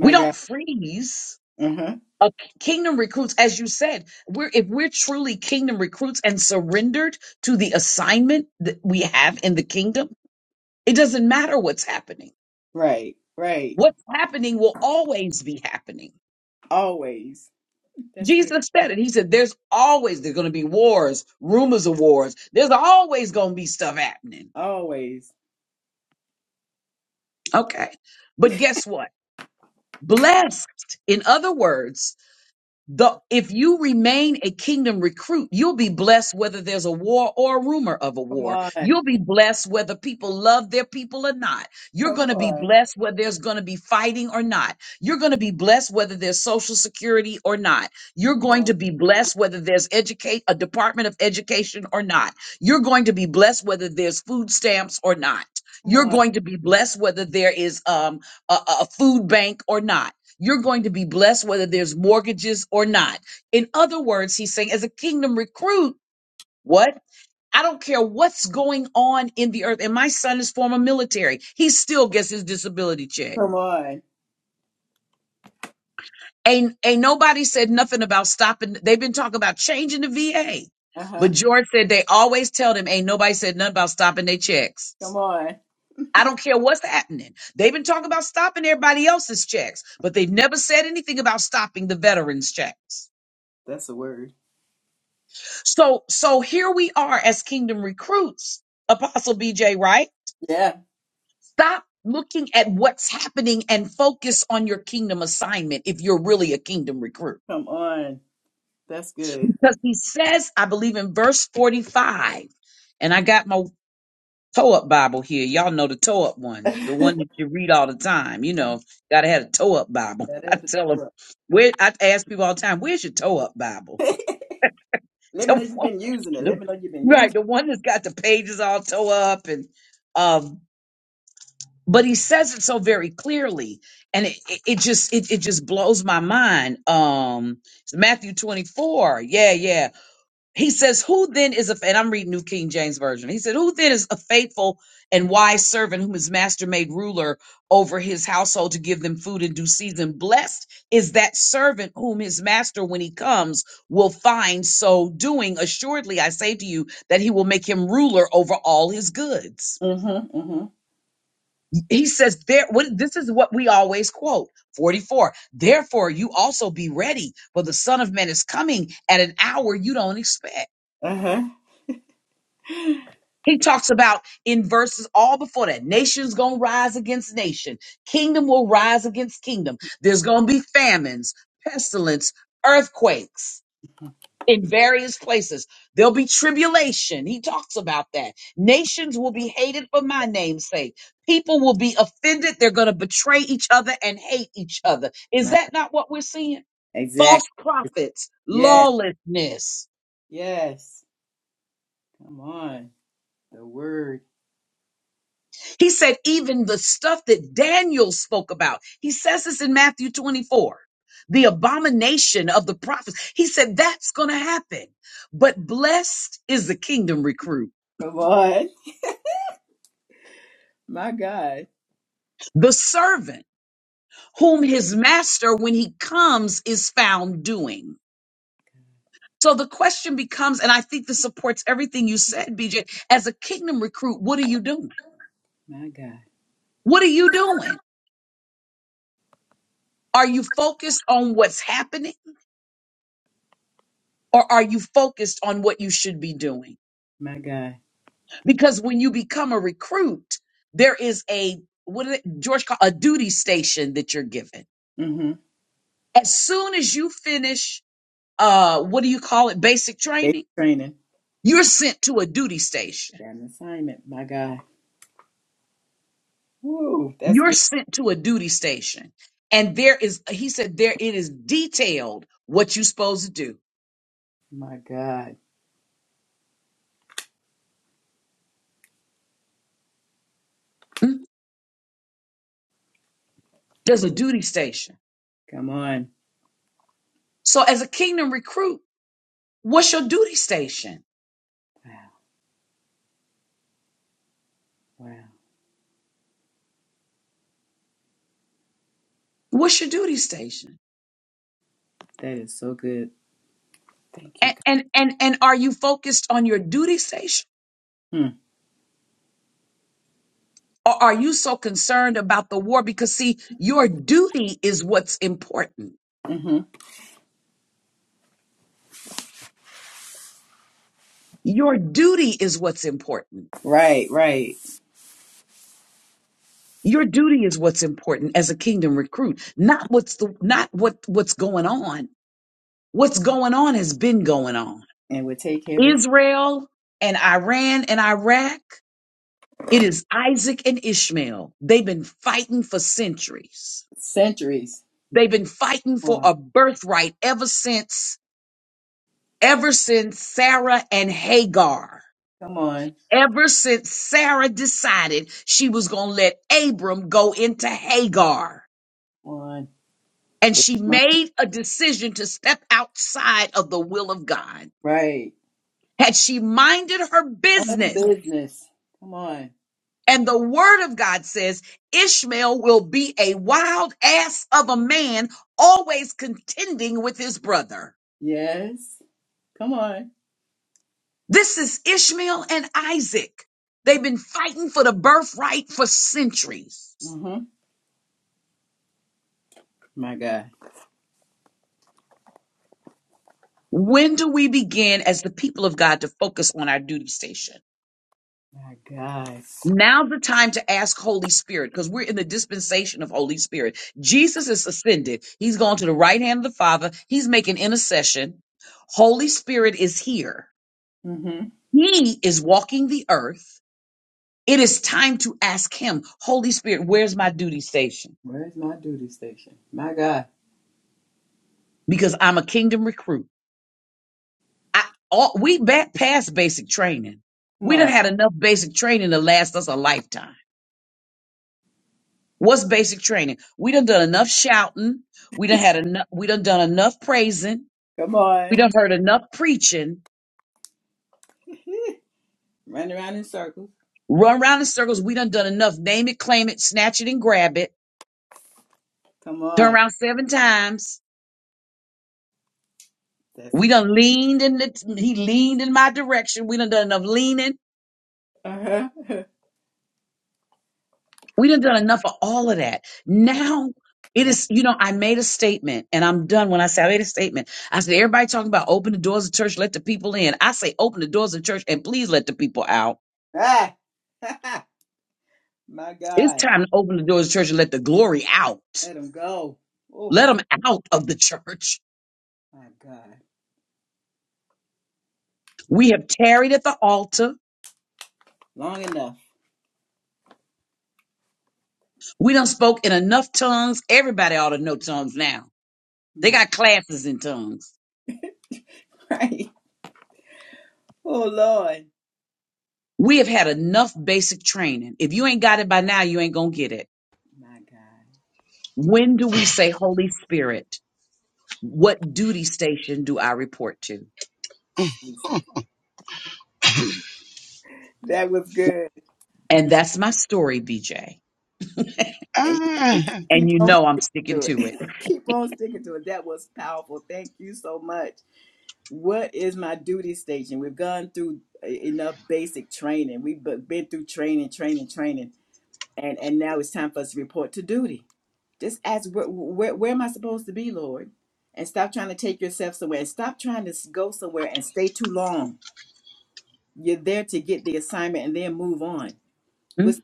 Speaker 4: We
Speaker 1: God.
Speaker 4: don't freeze.
Speaker 1: Uh-huh.
Speaker 4: A kingdom recruits, as you said, we're if we're truly kingdom recruits and surrendered to the assignment that we have in the kingdom, it doesn't matter what's happening.
Speaker 1: Right. Right.
Speaker 4: What's happening will always be happening.
Speaker 1: Always. That's good.
Speaker 4: Jesus said it. He said, There's always there's gonna be wars, rumors of wars. There's always gonna be stuff happening.
Speaker 1: Always.
Speaker 4: Okay. But guess what? Blessed, in other words, The, if you remain a kingdom recruit, you'll be blessed whether there's a war or a rumor of a
Speaker 1: Come
Speaker 4: war.
Speaker 1: on. Come
Speaker 4: You'll be blessed whether people love their people or not. You're going to be
Speaker 1: on.
Speaker 4: blessed whether there's going to be fighting or not. You're going to be blessed whether there's social security or not. You're
Speaker 1: Come
Speaker 4: going
Speaker 1: on.
Speaker 4: to be blessed whether there's educate a department of education or not. You're going to be blessed whether there's food stamps or not.
Speaker 1: Come
Speaker 4: You're
Speaker 1: on.
Speaker 4: going to be blessed whether there is um, a, a a food bank or not you're going to be blessed whether there's mortgages or not. In other words, he's saying, as a kingdom recruit, what? I don't care what's going on in the earth. And my son is former military. He still gets his disability check.
Speaker 1: Come on.
Speaker 4: Ain't, ain't nobody said nothing about stopping. They've been talking about changing the VA.
Speaker 1: Uh-huh.
Speaker 4: But George said they always tell them, ain't nobody said nothing about stopping their checks.
Speaker 1: Come on.
Speaker 4: I don't care what's happening. They've been talking about stopping everybody else's checks, but they've never said anything about stopping the veterans' checks.
Speaker 1: That's a word.
Speaker 4: So so here we are as kingdom recruits, Apostle BJ, right?
Speaker 1: Yeah.
Speaker 4: Stop looking at what's happening and focus on your kingdom assignment if you're really a kingdom recruit.
Speaker 1: Come on. That's good.
Speaker 4: Because he says, I believe in verse 45, and I got my toe up Bible here. Y'all know the toe up one, the one that you read all the time. You know, gotta have a toe up Bible.
Speaker 1: That
Speaker 4: I
Speaker 1: had
Speaker 4: tell them, where I ask people all the time, where's your toe up Bible?
Speaker 1: to- Let me know
Speaker 4: The
Speaker 1: you've
Speaker 4: one-
Speaker 1: been using it. Let
Speaker 4: the-
Speaker 1: me know you've been using
Speaker 4: right, the
Speaker 1: it.
Speaker 4: one that's got the pages all tore up and um but he says it so very clearly and it, it, it just it, it just blows my mind. Um it's Matthew 24. Yeah, yeah. He says, Who then is a, and I'm reading New King James Version. He said, Who then is a faithful and wise servant whom his master made ruler over his household to give them food in due season? Blessed is that servant whom his master, when he comes, will find so doing. Assuredly, I say to you that he will make him ruler over all his goods.
Speaker 1: Mm-hmm. Mm-hmm.
Speaker 4: He says, there, what, This is what we always quote 44. Therefore, you also be ready, for the Son of Man is coming at an hour you don't expect.
Speaker 1: Uh-huh.
Speaker 4: He talks about in verses all before that nation's going to rise against nation, kingdom will rise against kingdom. There's going to be famines, pestilence, earthquakes in various places. There'll be tribulation. He talks about that. Nations will be hated for my name's sake. People will be offended. They're going to betray each other and hate each other.
Speaker 1: My
Speaker 4: Is
Speaker 1: God.
Speaker 4: that not what we're seeing?
Speaker 1: Exactly.
Speaker 4: False prophets,
Speaker 1: Yeah.
Speaker 4: lawlessness.
Speaker 1: Yes. Come on. The word.
Speaker 4: He said, even the stuff that Daniel spoke about, he says this in Matthew 24, the abomination of the prophets. He said, that's going to happen. But blessed is the kingdom recruit,
Speaker 1: Come on. My God.
Speaker 4: the servant whom his master, when he comes, is found doing. So the question becomes, and I think this supports everything you said, BJ, as a kingdom recruit, what are you doing?
Speaker 1: My God.
Speaker 4: What are you doing? Are you focused on what's happening or are you focused on what you should be doing?
Speaker 1: My God.
Speaker 4: because when you become a recruit, there is a what did George call a duty station that you're given.
Speaker 1: Mm-hmm.
Speaker 4: As soon as you finish, uh, what do you call it? Basic
Speaker 1: Basic
Speaker 4: training.
Speaker 1: training.
Speaker 4: You're sent to a duty station.
Speaker 1: Got an assignment. My God. Woo. That's
Speaker 4: You're
Speaker 1: good.
Speaker 4: sent to a duty station, and there is he said there it is detailed what you're supposed to do.
Speaker 1: My God.
Speaker 4: Mm, There's a duty station.
Speaker 1: Come on.
Speaker 4: So as a kingdom recruit, what's your duty station?
Speaker 1: Wow. Wow.
Speaker 4: What's your duty station?
Speaker 1: That is so good. Thank you,
Speaker 4: And and and, and are you focused on your duty station?
Speaker 1: God.
Speaker 4: Or are you so concerned about the war? Because see, your duty is what's important.
Speaker 1: Hmm. Mm-hmm.
Speaker 4: Your duty is what's important.
Speaker 1: Right, right.
Speaker 4: Your duty is what's important as a kingdom recruit, not what's the, not what, what's going on. What's going on has been going on.
Speaker 1: And would take heaven
Speaker 4: Israel and Iran and Iraq. It is Isaac and Ishmael. They've been fighting for centuries.
Speaker 1: centuries.
Speaker 4: They've been fighting
Speaker 1: Come
Speaker 4: for
Speaker 1: on.
Speaker 4: a birthright ever since, ever since Sarah and Hagar
Speaker 1: Come on.
Speaker 4: ever since Sarah decided she was going to let Abram go into Hagar.
Speaker 1: Come
Speaker 4: And she
Speaker 1: on.
Speaker 4: made a decision to step outside of the will of God.
Speaker 1: Right.
Speaker 4: Had she minded her
Speaker 1: Own
Speaker 4: business,
Speaker 1: business. Come on.
Speaker 4: and the word of God says Ishmael will be a wild ass of a man, always contending with his brother.
Speaker 1: Yes. Come on.
Speaker 4: This is Ishmael and Isaac. They've been fighting for the birthright for centuries.
Speaker 1: Mm-hmm. My God.
Speaker 4: When do we begin as the people of God to focus on our duty station?
Speaker 1: My God.
Speaker 4: Now's the time to ask Holy Spirit because we're in the dispensation of Holy Spirit. Jesus is ascended. He's gone to the right hand of the Father. He's making intercession. Holy Spirit is here.
Speaker 1: Mm-hmm.
Speaker 4: He is walking the earth. It is time to ask him, Holy Spirit, where's my duty station?
Speaker 1: Where's my duty station? My God.
Speaker 4: Because I'm a kingdom recruit. I, all, we back past basic training.
Speaker 1: Come
Speaker 4: We done
Speaker 1: on.
Speaker 4: had enough basic training to last us a lifetime. What's basic training? We done done enough shouting. We done had enough. We done done enough praising.
Speaker 1: Come
Speaker 4: We
Speaker 1: on.
Speaker 4: done heard enough preaching.
Speaker 1: Run around in circles.
Speaker 4: Run around in circles. We done done enough. Name it, claim it, snatch it, and grab it.
Speaker 1: Come
Speaker 4: Turn
Speaker 1: on.
Speaker 4: around seven times.
Speaker 1: That's
Speaker 4: We
Speaker 1: good.
Speaker 4: done leaned in the. He leaned in my direction. We done done enough leaning.
Speaker 1: Uh-huh.
Speaker 4: We done done enough of all of that. Now it
Speaker 1: Now.
Speaker 4: is. You know, I made a statement, and I'm done. When I say I made a statement, I said everybody talking about open the doors of church, let the people in. I say open the doors of church, and please let the people out
Speaker 1: Ah! my
Speaker 4: It's
Speaker 1: God.
Speaker 4: time to open the doors of the church and let the glory out.
Speaker 1: Let him go. Oh,
Speaker 4: Let them out of the church.
Speaker 1: my God. My,
Speaker 4: We have tarried at the altar.
Speaker 1: long enough.
Speaker 4: We done spoke in enough tongues. Everybody ought to know tongues now. They
Speaker 1: My
Speaker 4: got classes in tongues.
Speaker 1: right. Oh, Lord.
Speaker 4: We have had enough basic training. If you ain't got it by now, you ain't going to get it.
Speaker 1: My God.
Speaker 4: When do we say, Holy Spirit, what duty station do I report to?
Speaker 1: Jesus. That was good.
Speaker 4: And that's my story, BJ.
Speaker 1: And you
Speaker 6: Ah,
Speaker 1: can
Speaker 4: And
Speaker 1: keep
Speaker 4: you
Speaker 1: on
Speaker 4: know I'm sticking
Speaker 1: to
Speaker 4: to
Speaker 1: it. Keep on sticking to it. That was powerful. Thank you so much. What is my duty station? We've gone through e- enough basic training. We've bu- been through training, training, training, and and now it's time for us to report to duty. Just ask where where, where am I supposed to be, Lord? And stop trying to take yourself somewhere. And stop trying to s- go somewhere and stay too long. You're there to get the assignment and then move on
Speaker 4: it.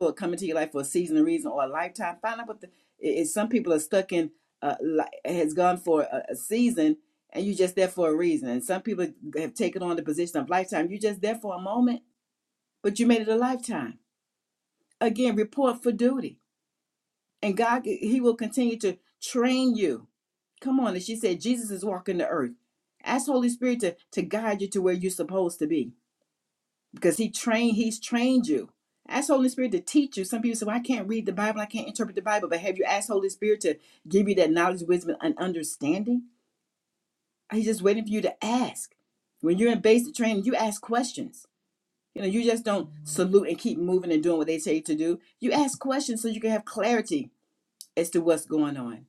Speaker 1: will come into your life for a season, a reason, or a lifetime. Find out what the i- Some people are stuck in uh, li- has gone for a, a season, and you're just there for a reason. And some people have taken on the position of lifetime. You're just there for a moment, but you made it a lifetime. Again, report for duty, and God He will continue to train you. Come on, as she said, Jesus is walking the earth. Ask Holy Spirit to to guide you to where you're supposed to be because he trained he's trained you ask holy spirit to teach you some people say well i can't read the bible i can't interpret the bible but have you asked holy spirit to give you that knowledge wisdom and understanding he's just waiting for you to ask when you're in basic training you ask questions you know you just don't salute and keep moving and doing what they tell you to do you ask questions so you can have clarity as to what's going on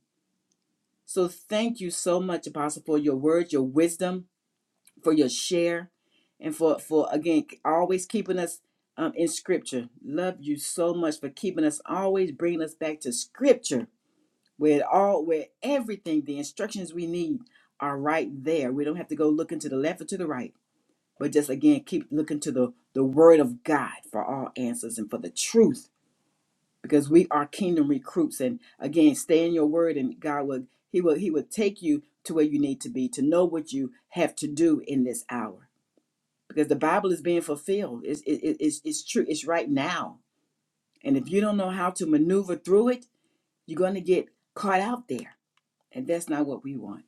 Speaker 1: so thank you so much apostle for your words your wisdom for your share and for for again always keeping us um, in scripture love you so much for keeping us always bringing us back to scripture where it all where everything the instructions we need are right there we don't have to go looking to the left or to the right but just again keep looking to the the word of god for all answers and for the truth because we are kingdom recruits and again stay in your word and god will he will he will take you to where you need to be to know what you have to do in this hour because the Bible is being fulfilled. It's, it, it- it's, it's true. It's right now. And if you don't know how to maneuver through it, you're going to get caught out there. And that's not what we want.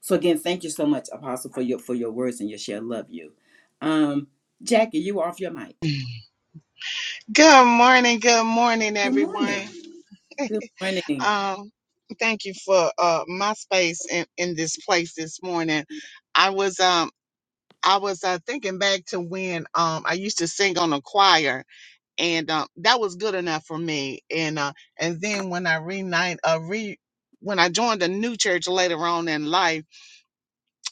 Speaker 1: So again, thank you so much, Apostle, for your for your words and your share. Love you. Um, Jackie, you off your mic.
Speaker 6: good morning, good morning,
Speaker 1: Good
Speaker 6: everyone.
Speaker 1: morning. Good morning.
Speaker 6: Um, thank you for uh, my space in, in this place this morning. I was um I was uh, thinking back to when um I used to sing on a choir, and um, that was good enough for me. And uh, and then when I reunite, uh, re when I joined a new church later on in life,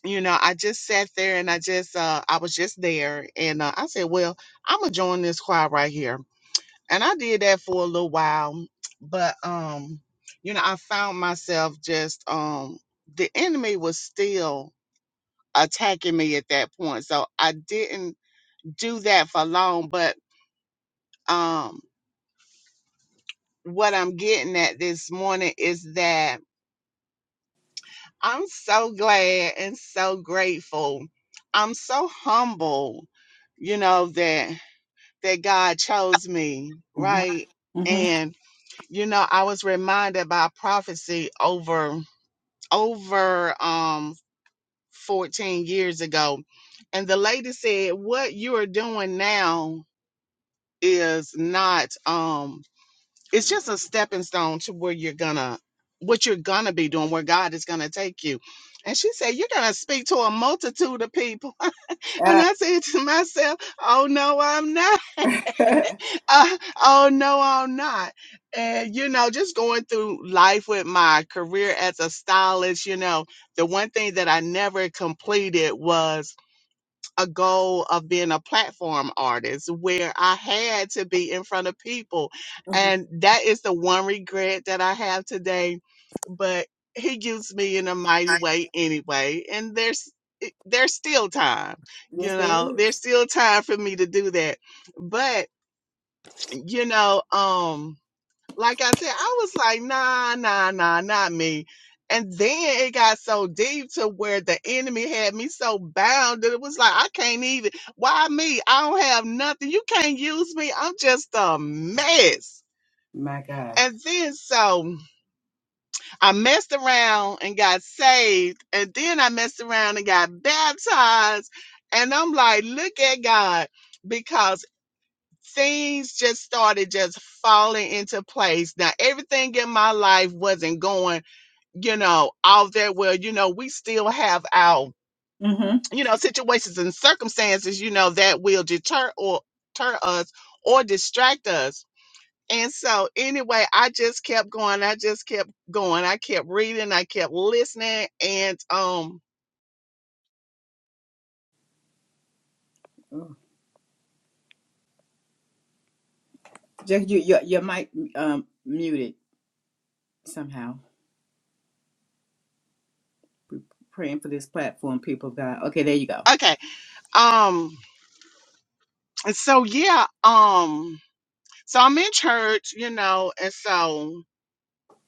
Speaker 6: you know, I just sat there and I just uh I was just there, and uh, I said, well, I'm gonna join this choir right here and I did that for a little while, but um, you know, I found myself just um the enemy was still attacking me at that point. So I didn't do that for long, but um what I'm getting at this morning is that I'm so glad and so grateful. I'm so humble, you know, that that God chose me,
Speaker 1: Mhm,
Speaker 6: right?
Speaker 1: mhm.
Speaker 6: And you know, I was reminded by prophecy over over um 14 years ago and the lady said what you are doing now is not um it's just a stepping stone to where you're gonna what you're gonna be doing where god is gonna take you and she said you're gonna speak to a multitude of people and
Speaker 1: Ah,
Speaker 6: i said to myself oh no i'm not Uh, oh no, I'm not. And you know, just going through life with my career as a stylist, you know, the one thing that I never completed was a goal of being a platform artist where I had to be in front of people.
Speaker 1: Mhm.
Speaker 6: And that is the one regret that I have today. But he used me in a mighty way anyway. And there's eh, there's still time, you
Speaker 1: yes, there
Speaker 6: know, there's
Speaker 1: is.
Speaker 6: still time for me to do that. But you know, um, like I said, I was like, nah, nah, nah, not me. And then it got so deep to where the enemy had me so bound that it was like, I can't even, why me? I don't have nothing. You can't use me. I'm just a mess.
Speaker 1: My God.
Speaker 6: And then so I messed around and got saved. And then I messed around and got baptized. And I'm like, look at God. Because things just started just falling into place. Now everything in my life wasn't going, you know, all that well. You know, we still have our,
Speaker 1: Mm-hmm.
Speaker 6: you know, situations and circumstances, you know, that will deter or deter us or distract us. And so anyway, I just kept going. I just kept going. I kept reading. I kept listening. And um,
Speaker 1: Oh, Jackie, you, your your mic um, muted somehow. Praying for this platform, people of God. Okay, there you go.
Speaker 6: okay. Um, and so yeah, um, so I'm in church, you know, and so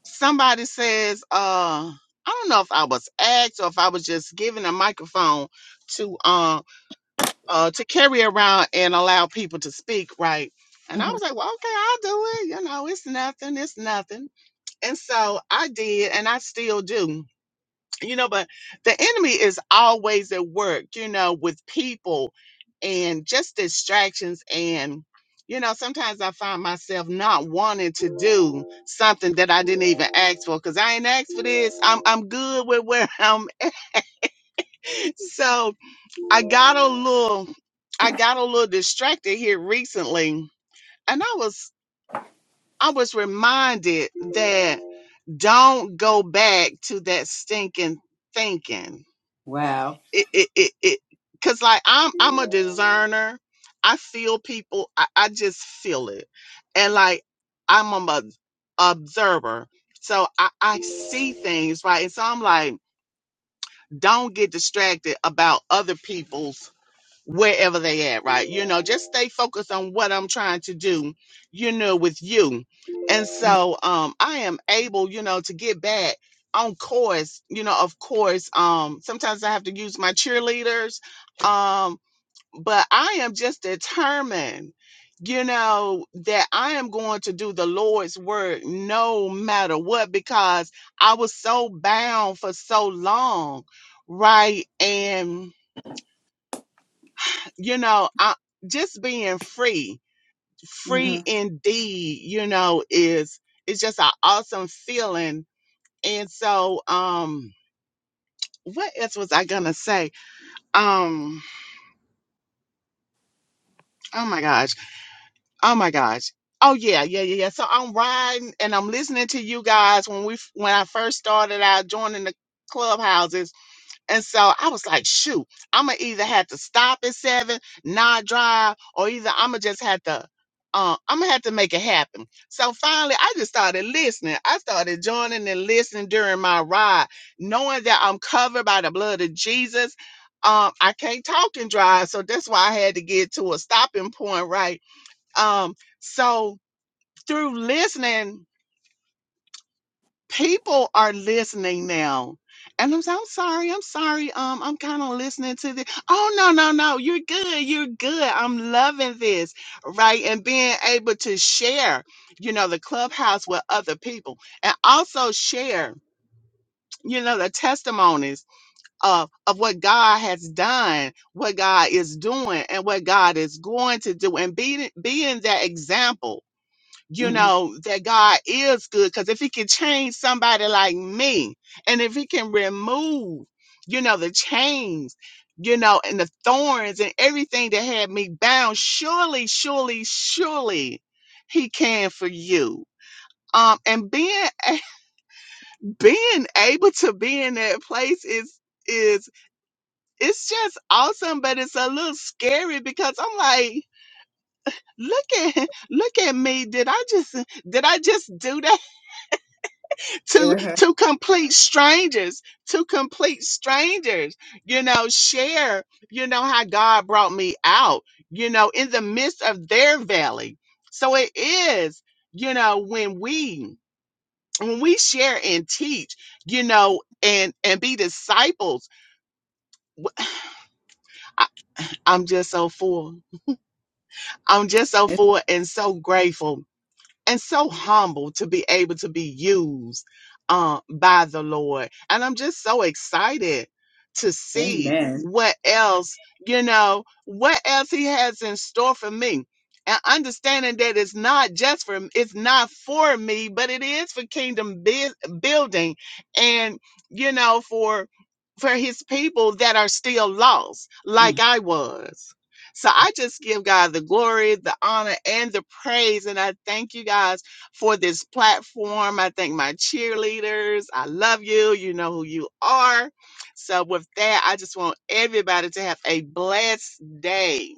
Speaker 6: somebody says, uh, I don't know if I was asked or if I was just given a microphone to uh, uh to carry around and allow people to speak, right? And I
Speaker 1: hmm
Speaker 6: was like, well, okay, I'll do it. You know, it's nothing, it's nothing. And so I did, and I still do you know but the enemy is always at work you know with people and just distractions and you know sometimes i find myself not wanting to do something that i didn't even ask for because i ain't asked for this i'm, I'm good with where i'm at. so i got a little i got a little distracted here recently and i was i was reminded that don't go back to that stinking thinking
Speaker 1: Wow.
Speaker 6: it it it, it cuz like I'm I'm a discerner. I feel people. I, I just feel it. And like I'm a mo- observer. So I, I see things, right? And so I'm like, don't get distracted about other people's wherever they at, right? You know, just stay focused on what I'm trying to do, you know, with you. And so um I am able, you know, to get back on course, you know, of course, um sometimes I have to use my cheerleaders. Um, but I am just determined, you know, that I am going to do the Lord's work no matter what, because I was so bound for so long, right? And you know, I, just being free,
Speaker 1: Mm-hmm.
Speaker 6: free indeed, you know, is it's just an awesome feeling. And so, um, what else was I gonna say? Um, oh my gosh, oh my gosh. Oh yeah, yeah, yeah, yeah. So I'm riding and I'm listening to you guys when we f- when I first started out joining the clubhouses And so I was like, shoot, I'm gonna either have to stop at seven, not drive, or either I'm gonna just have to, uh, I'm gonna have to make it happen. So finally, I just started listening. I started joining and listening during my ride, knowing that I'm covered by the blood of Jesus. Um, I can't talk and drive, so that's why I had to get to a stopping point, right? Um, so through listening people are listening now. And I'm, so- I'm sorry, I'm sorry. Um, I'm kind of listening to this. Oh no, no, no, you're good, you're good. I'm loving this, right? And being able to share, you know, the clubhouse with other people and also share, you know, the testimonies of, of what God has done, what God is doing, and what God is going to do, and being being that example you
Speaker 1: hmm
Speaker 6: know, that God is good. Because if He can change somebody like me, and if He can remove, you know, the chains, you know, and the thorns and everything that had me bound, surely, surely, surely He can for you. Um, and being being able to be in that place is is it's just awesome, but it's a little scary because I'm like, look at look at me. Did I just did I just do that? to
Speaker 1: Yeah.
Speaker 6: to complete strangers to complete strangers you know share you know how god brought me out you know in the midst of their valley so it is you know when we when we share and teach you know and and be disciples i I, i'm just so full i'm just so full and so grateful and so humble to be able to be used um, by the Lord. And I'm just so excited to see
Speaker 1: Amen.
Speaker 6: what else, you know, what else He has in store for me. And understanding that it's not just for it's not for me, but it is for kingdom bui- building, and you know for for His people that are still lost, like I was so I just give God the glory, the honor, and the praise. And I thank you guys for this platform. I thank my cheerleaders. I love you. You know who you are. So with that, I just want everybody to have a blessed day.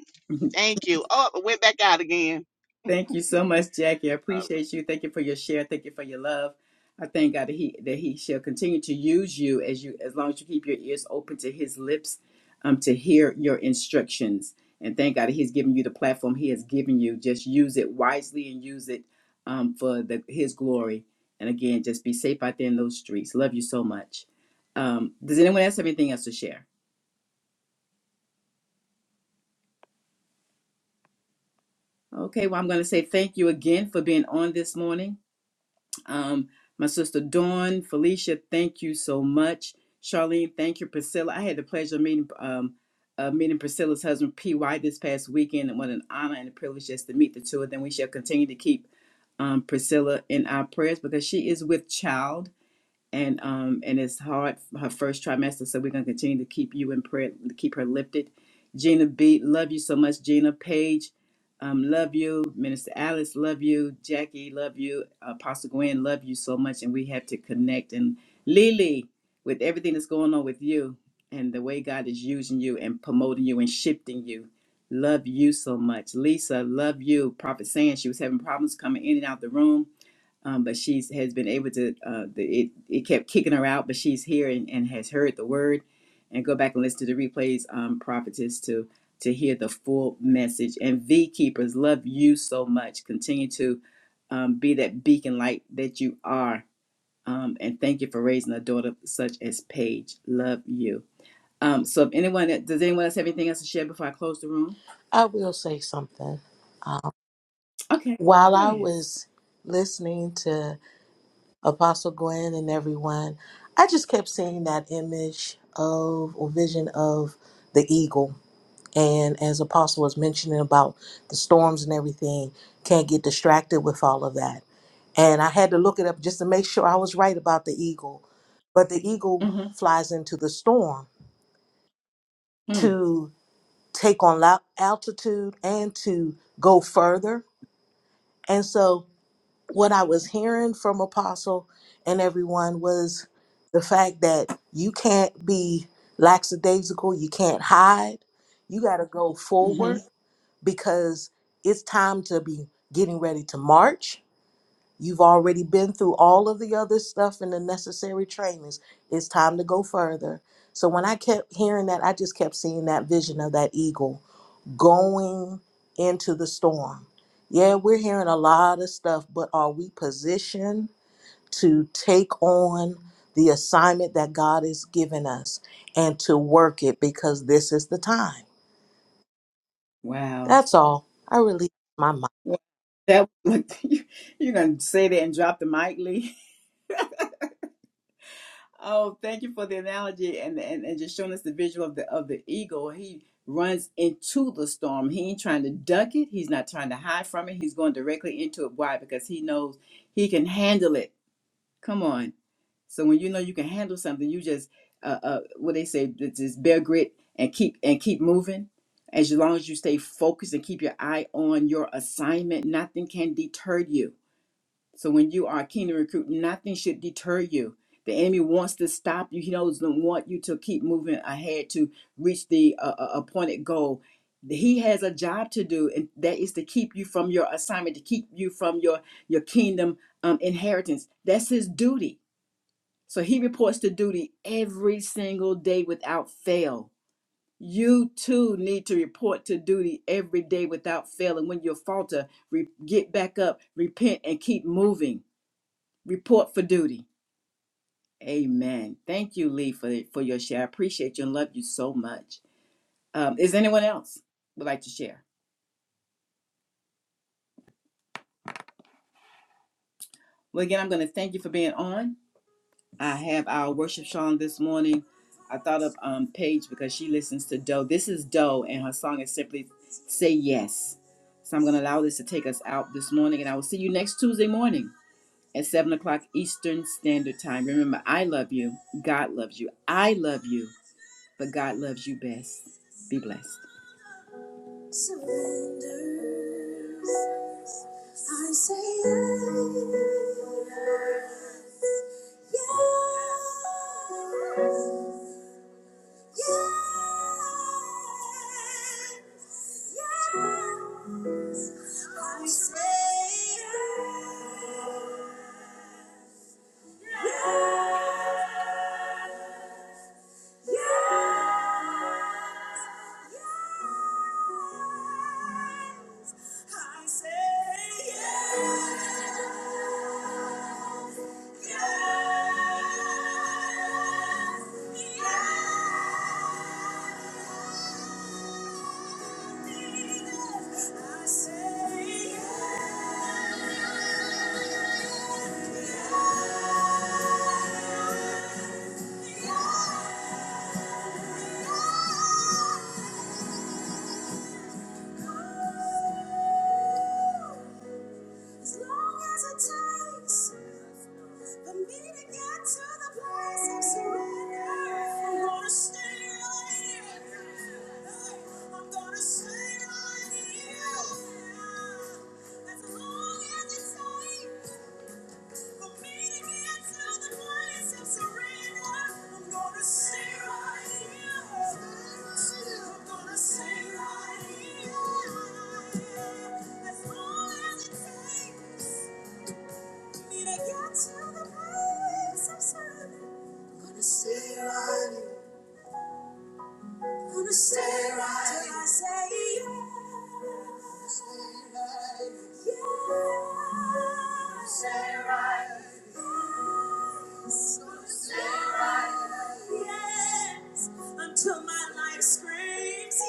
Speaker 6: Thank you. Oh, I went back out again.
Speaker 1: Thank you so much, Jackie. I appreciate you. Thank you for your share. Thank you for your love. I thank God that He that He shall continue to use you as you as long as you keep your ears open to His lips, um, to hear your instructions. And thank God that He's given you the platform He has given you. Just use it wisely and use it um for the His glory. And again, just be safe out there in those streets. Love you so much. Um, does anyone else have anything else to share? Okay, well, I'm going to say thank you again for being on this morning. Um, my sister Dawn, Felicia, thank you so much. Charlene, thank you. Priscilla, I had the pleasure of meeting, um, uh, meeting Priscilla's husband, PY, this past weekend, and what an honor and a privilege just to meet the two of them. We shall continue to keep um, Priscilla in our prayers because she is with child and um and it's hard her first trimester so we're going to continue to keep you in prayer to keep her lifted gina b love you so much gina page um, love you minister alice love you jackie love you apostle gwen love you so much and we have to connect and lily with everything that's going on with you and the way god is using you and promoting you and shifting you love you so much lisa love you prophet saying she was having problems coming in and out the room um, but she's has been able to. Uh, the, it it kept kicking her out, but she's here and, and has heard the word. And go back and listen to the replays, um, prophetess, to to hear the full message. And V keepers, love you so much. Continue to um, be that beacon light that you are. Um, and thank you for raising a daughter such as Paige. Love you. Um, so if anyone does anyone else have anything else to share before I close the room?
Speaker 7: I will say something. Um,
Speaker 1: Okay.
Speaker 7: while I
Speaker 1: Yes.
Speaker 7: was listening to Apostle Gwen and everyone, I just kept seeing that image of or vision of the eagle. And as Apostle was mentioning about the storms and everything, can't get distracted with all of that. And I had to look it up just to make sure I was right about the eagle. But the eagle
Speaker 1: Mm-hmm.
Speaker 7: flies into the storm to take on lo- altitude and to go further. And so what I was hearing from Apostle and everyone was the fact that you can't be lackadaisical, you can't hide, you got to go
Speaker 1: Mm-hmm.
Speaker 7: forward because it's time to be getting ready to march. You've already been through all of the other stuff and the necessary trainings. It's time to go further. So when I kept hearing that, I just kept seeing that vision of that eagle going into the storm. Yeah, we're hearing a lot of stuff, but are we positioned to take on the assignment that God has given us and to work it because this is the time?
Speaker 1: Wow.
Speaker 7: That's all. I release my mind.
Speaker 1: That look, you, you're gonna say that and drop the mic, Lee. Oh, thank you for the analogy and, and and just showing us the visual of the of the eagle. He runs into the storm. He ain't trying to duck it. He's not trying to hide from it. He's going directly into it. Why? Because he knows he can handle it. Come on. So when you know you can handle something, you just uh, uh what they say, j- just bear grit and keep and keep moving. As long as you stay focused and keep your eye on your assignment, nothing can deter you So when you are a kingdom recruit, nothing should deter you. The enemy wants to stop you. He doesn't want you to keep moving ahead to reach the uh, uh, appointed goal. He has a job to do, and that is to keep you from your assignment, to keep you from your your kingdom um, inheritance. That's his duty. So he reports to duty every single day without fail. You too need to report to duty every day without fail. And when you falter, re- get back up, repent, and keep moving Report for duty. Amen. Thank you, Lee, for for your share. I appreciate you and love you so much. Um, is anyone else would like to share? Well, again, I'm going to thank you for being on. I have our worship song this morning. I thought of um, Paige because she listens to Doe. This is Doe, and her song is simply "Say Yes." So I'm going to allow this to take us out this morning, and I will see you next Tuesday morning at seven o'clock Eastern Standard Time. Remember, I love you. God loves you. I love you but God loves you best. Be blessed. Surrender. I say yes. Yes. Yes. Yes. I say yes. Yes. I say yes. As long as it takes for me to get to the place of surrender, I'm gonna stay right here. I'm gonna stay right here. As long as it takes for me to get to the place of surrender, I'm gonna stay right here. I'm gonna stay right here. As long as it takes. I'm gonna stay right gonna stay right here. Till I say yes. Gonna Stay right Yes. Gonna stay right Yes. Until my life screams yes.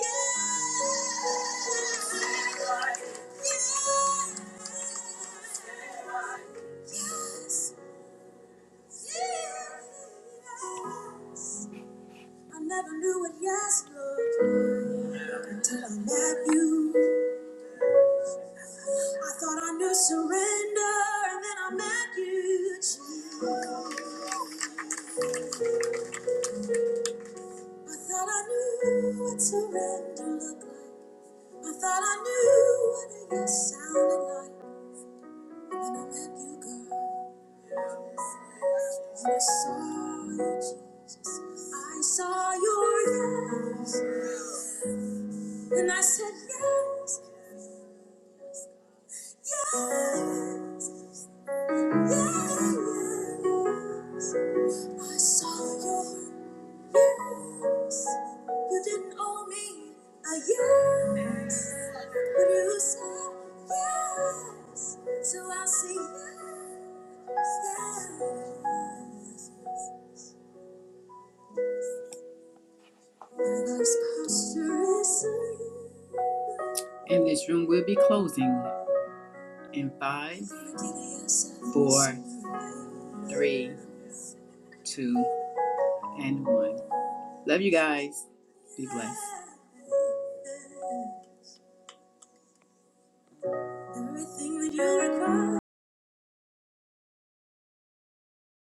Speaker 1: Stay right Yes. Stay right Yes. Yes, I never knew what yes looked like until I met you. I thought I knew surrender, and then I met you. Jesus. I thought I knew what surrender looked like. I thought I knew what a yes sounded like. And I let you go. When I saw you, Jesus, I saw your yes. And I said, Yes, yes, yes. I saw your yes. You didn't owe me a yes. But you said yes. So I'll say yes. And this room will be closing in five, four, three, two, and one. Love you guys. Be blessed.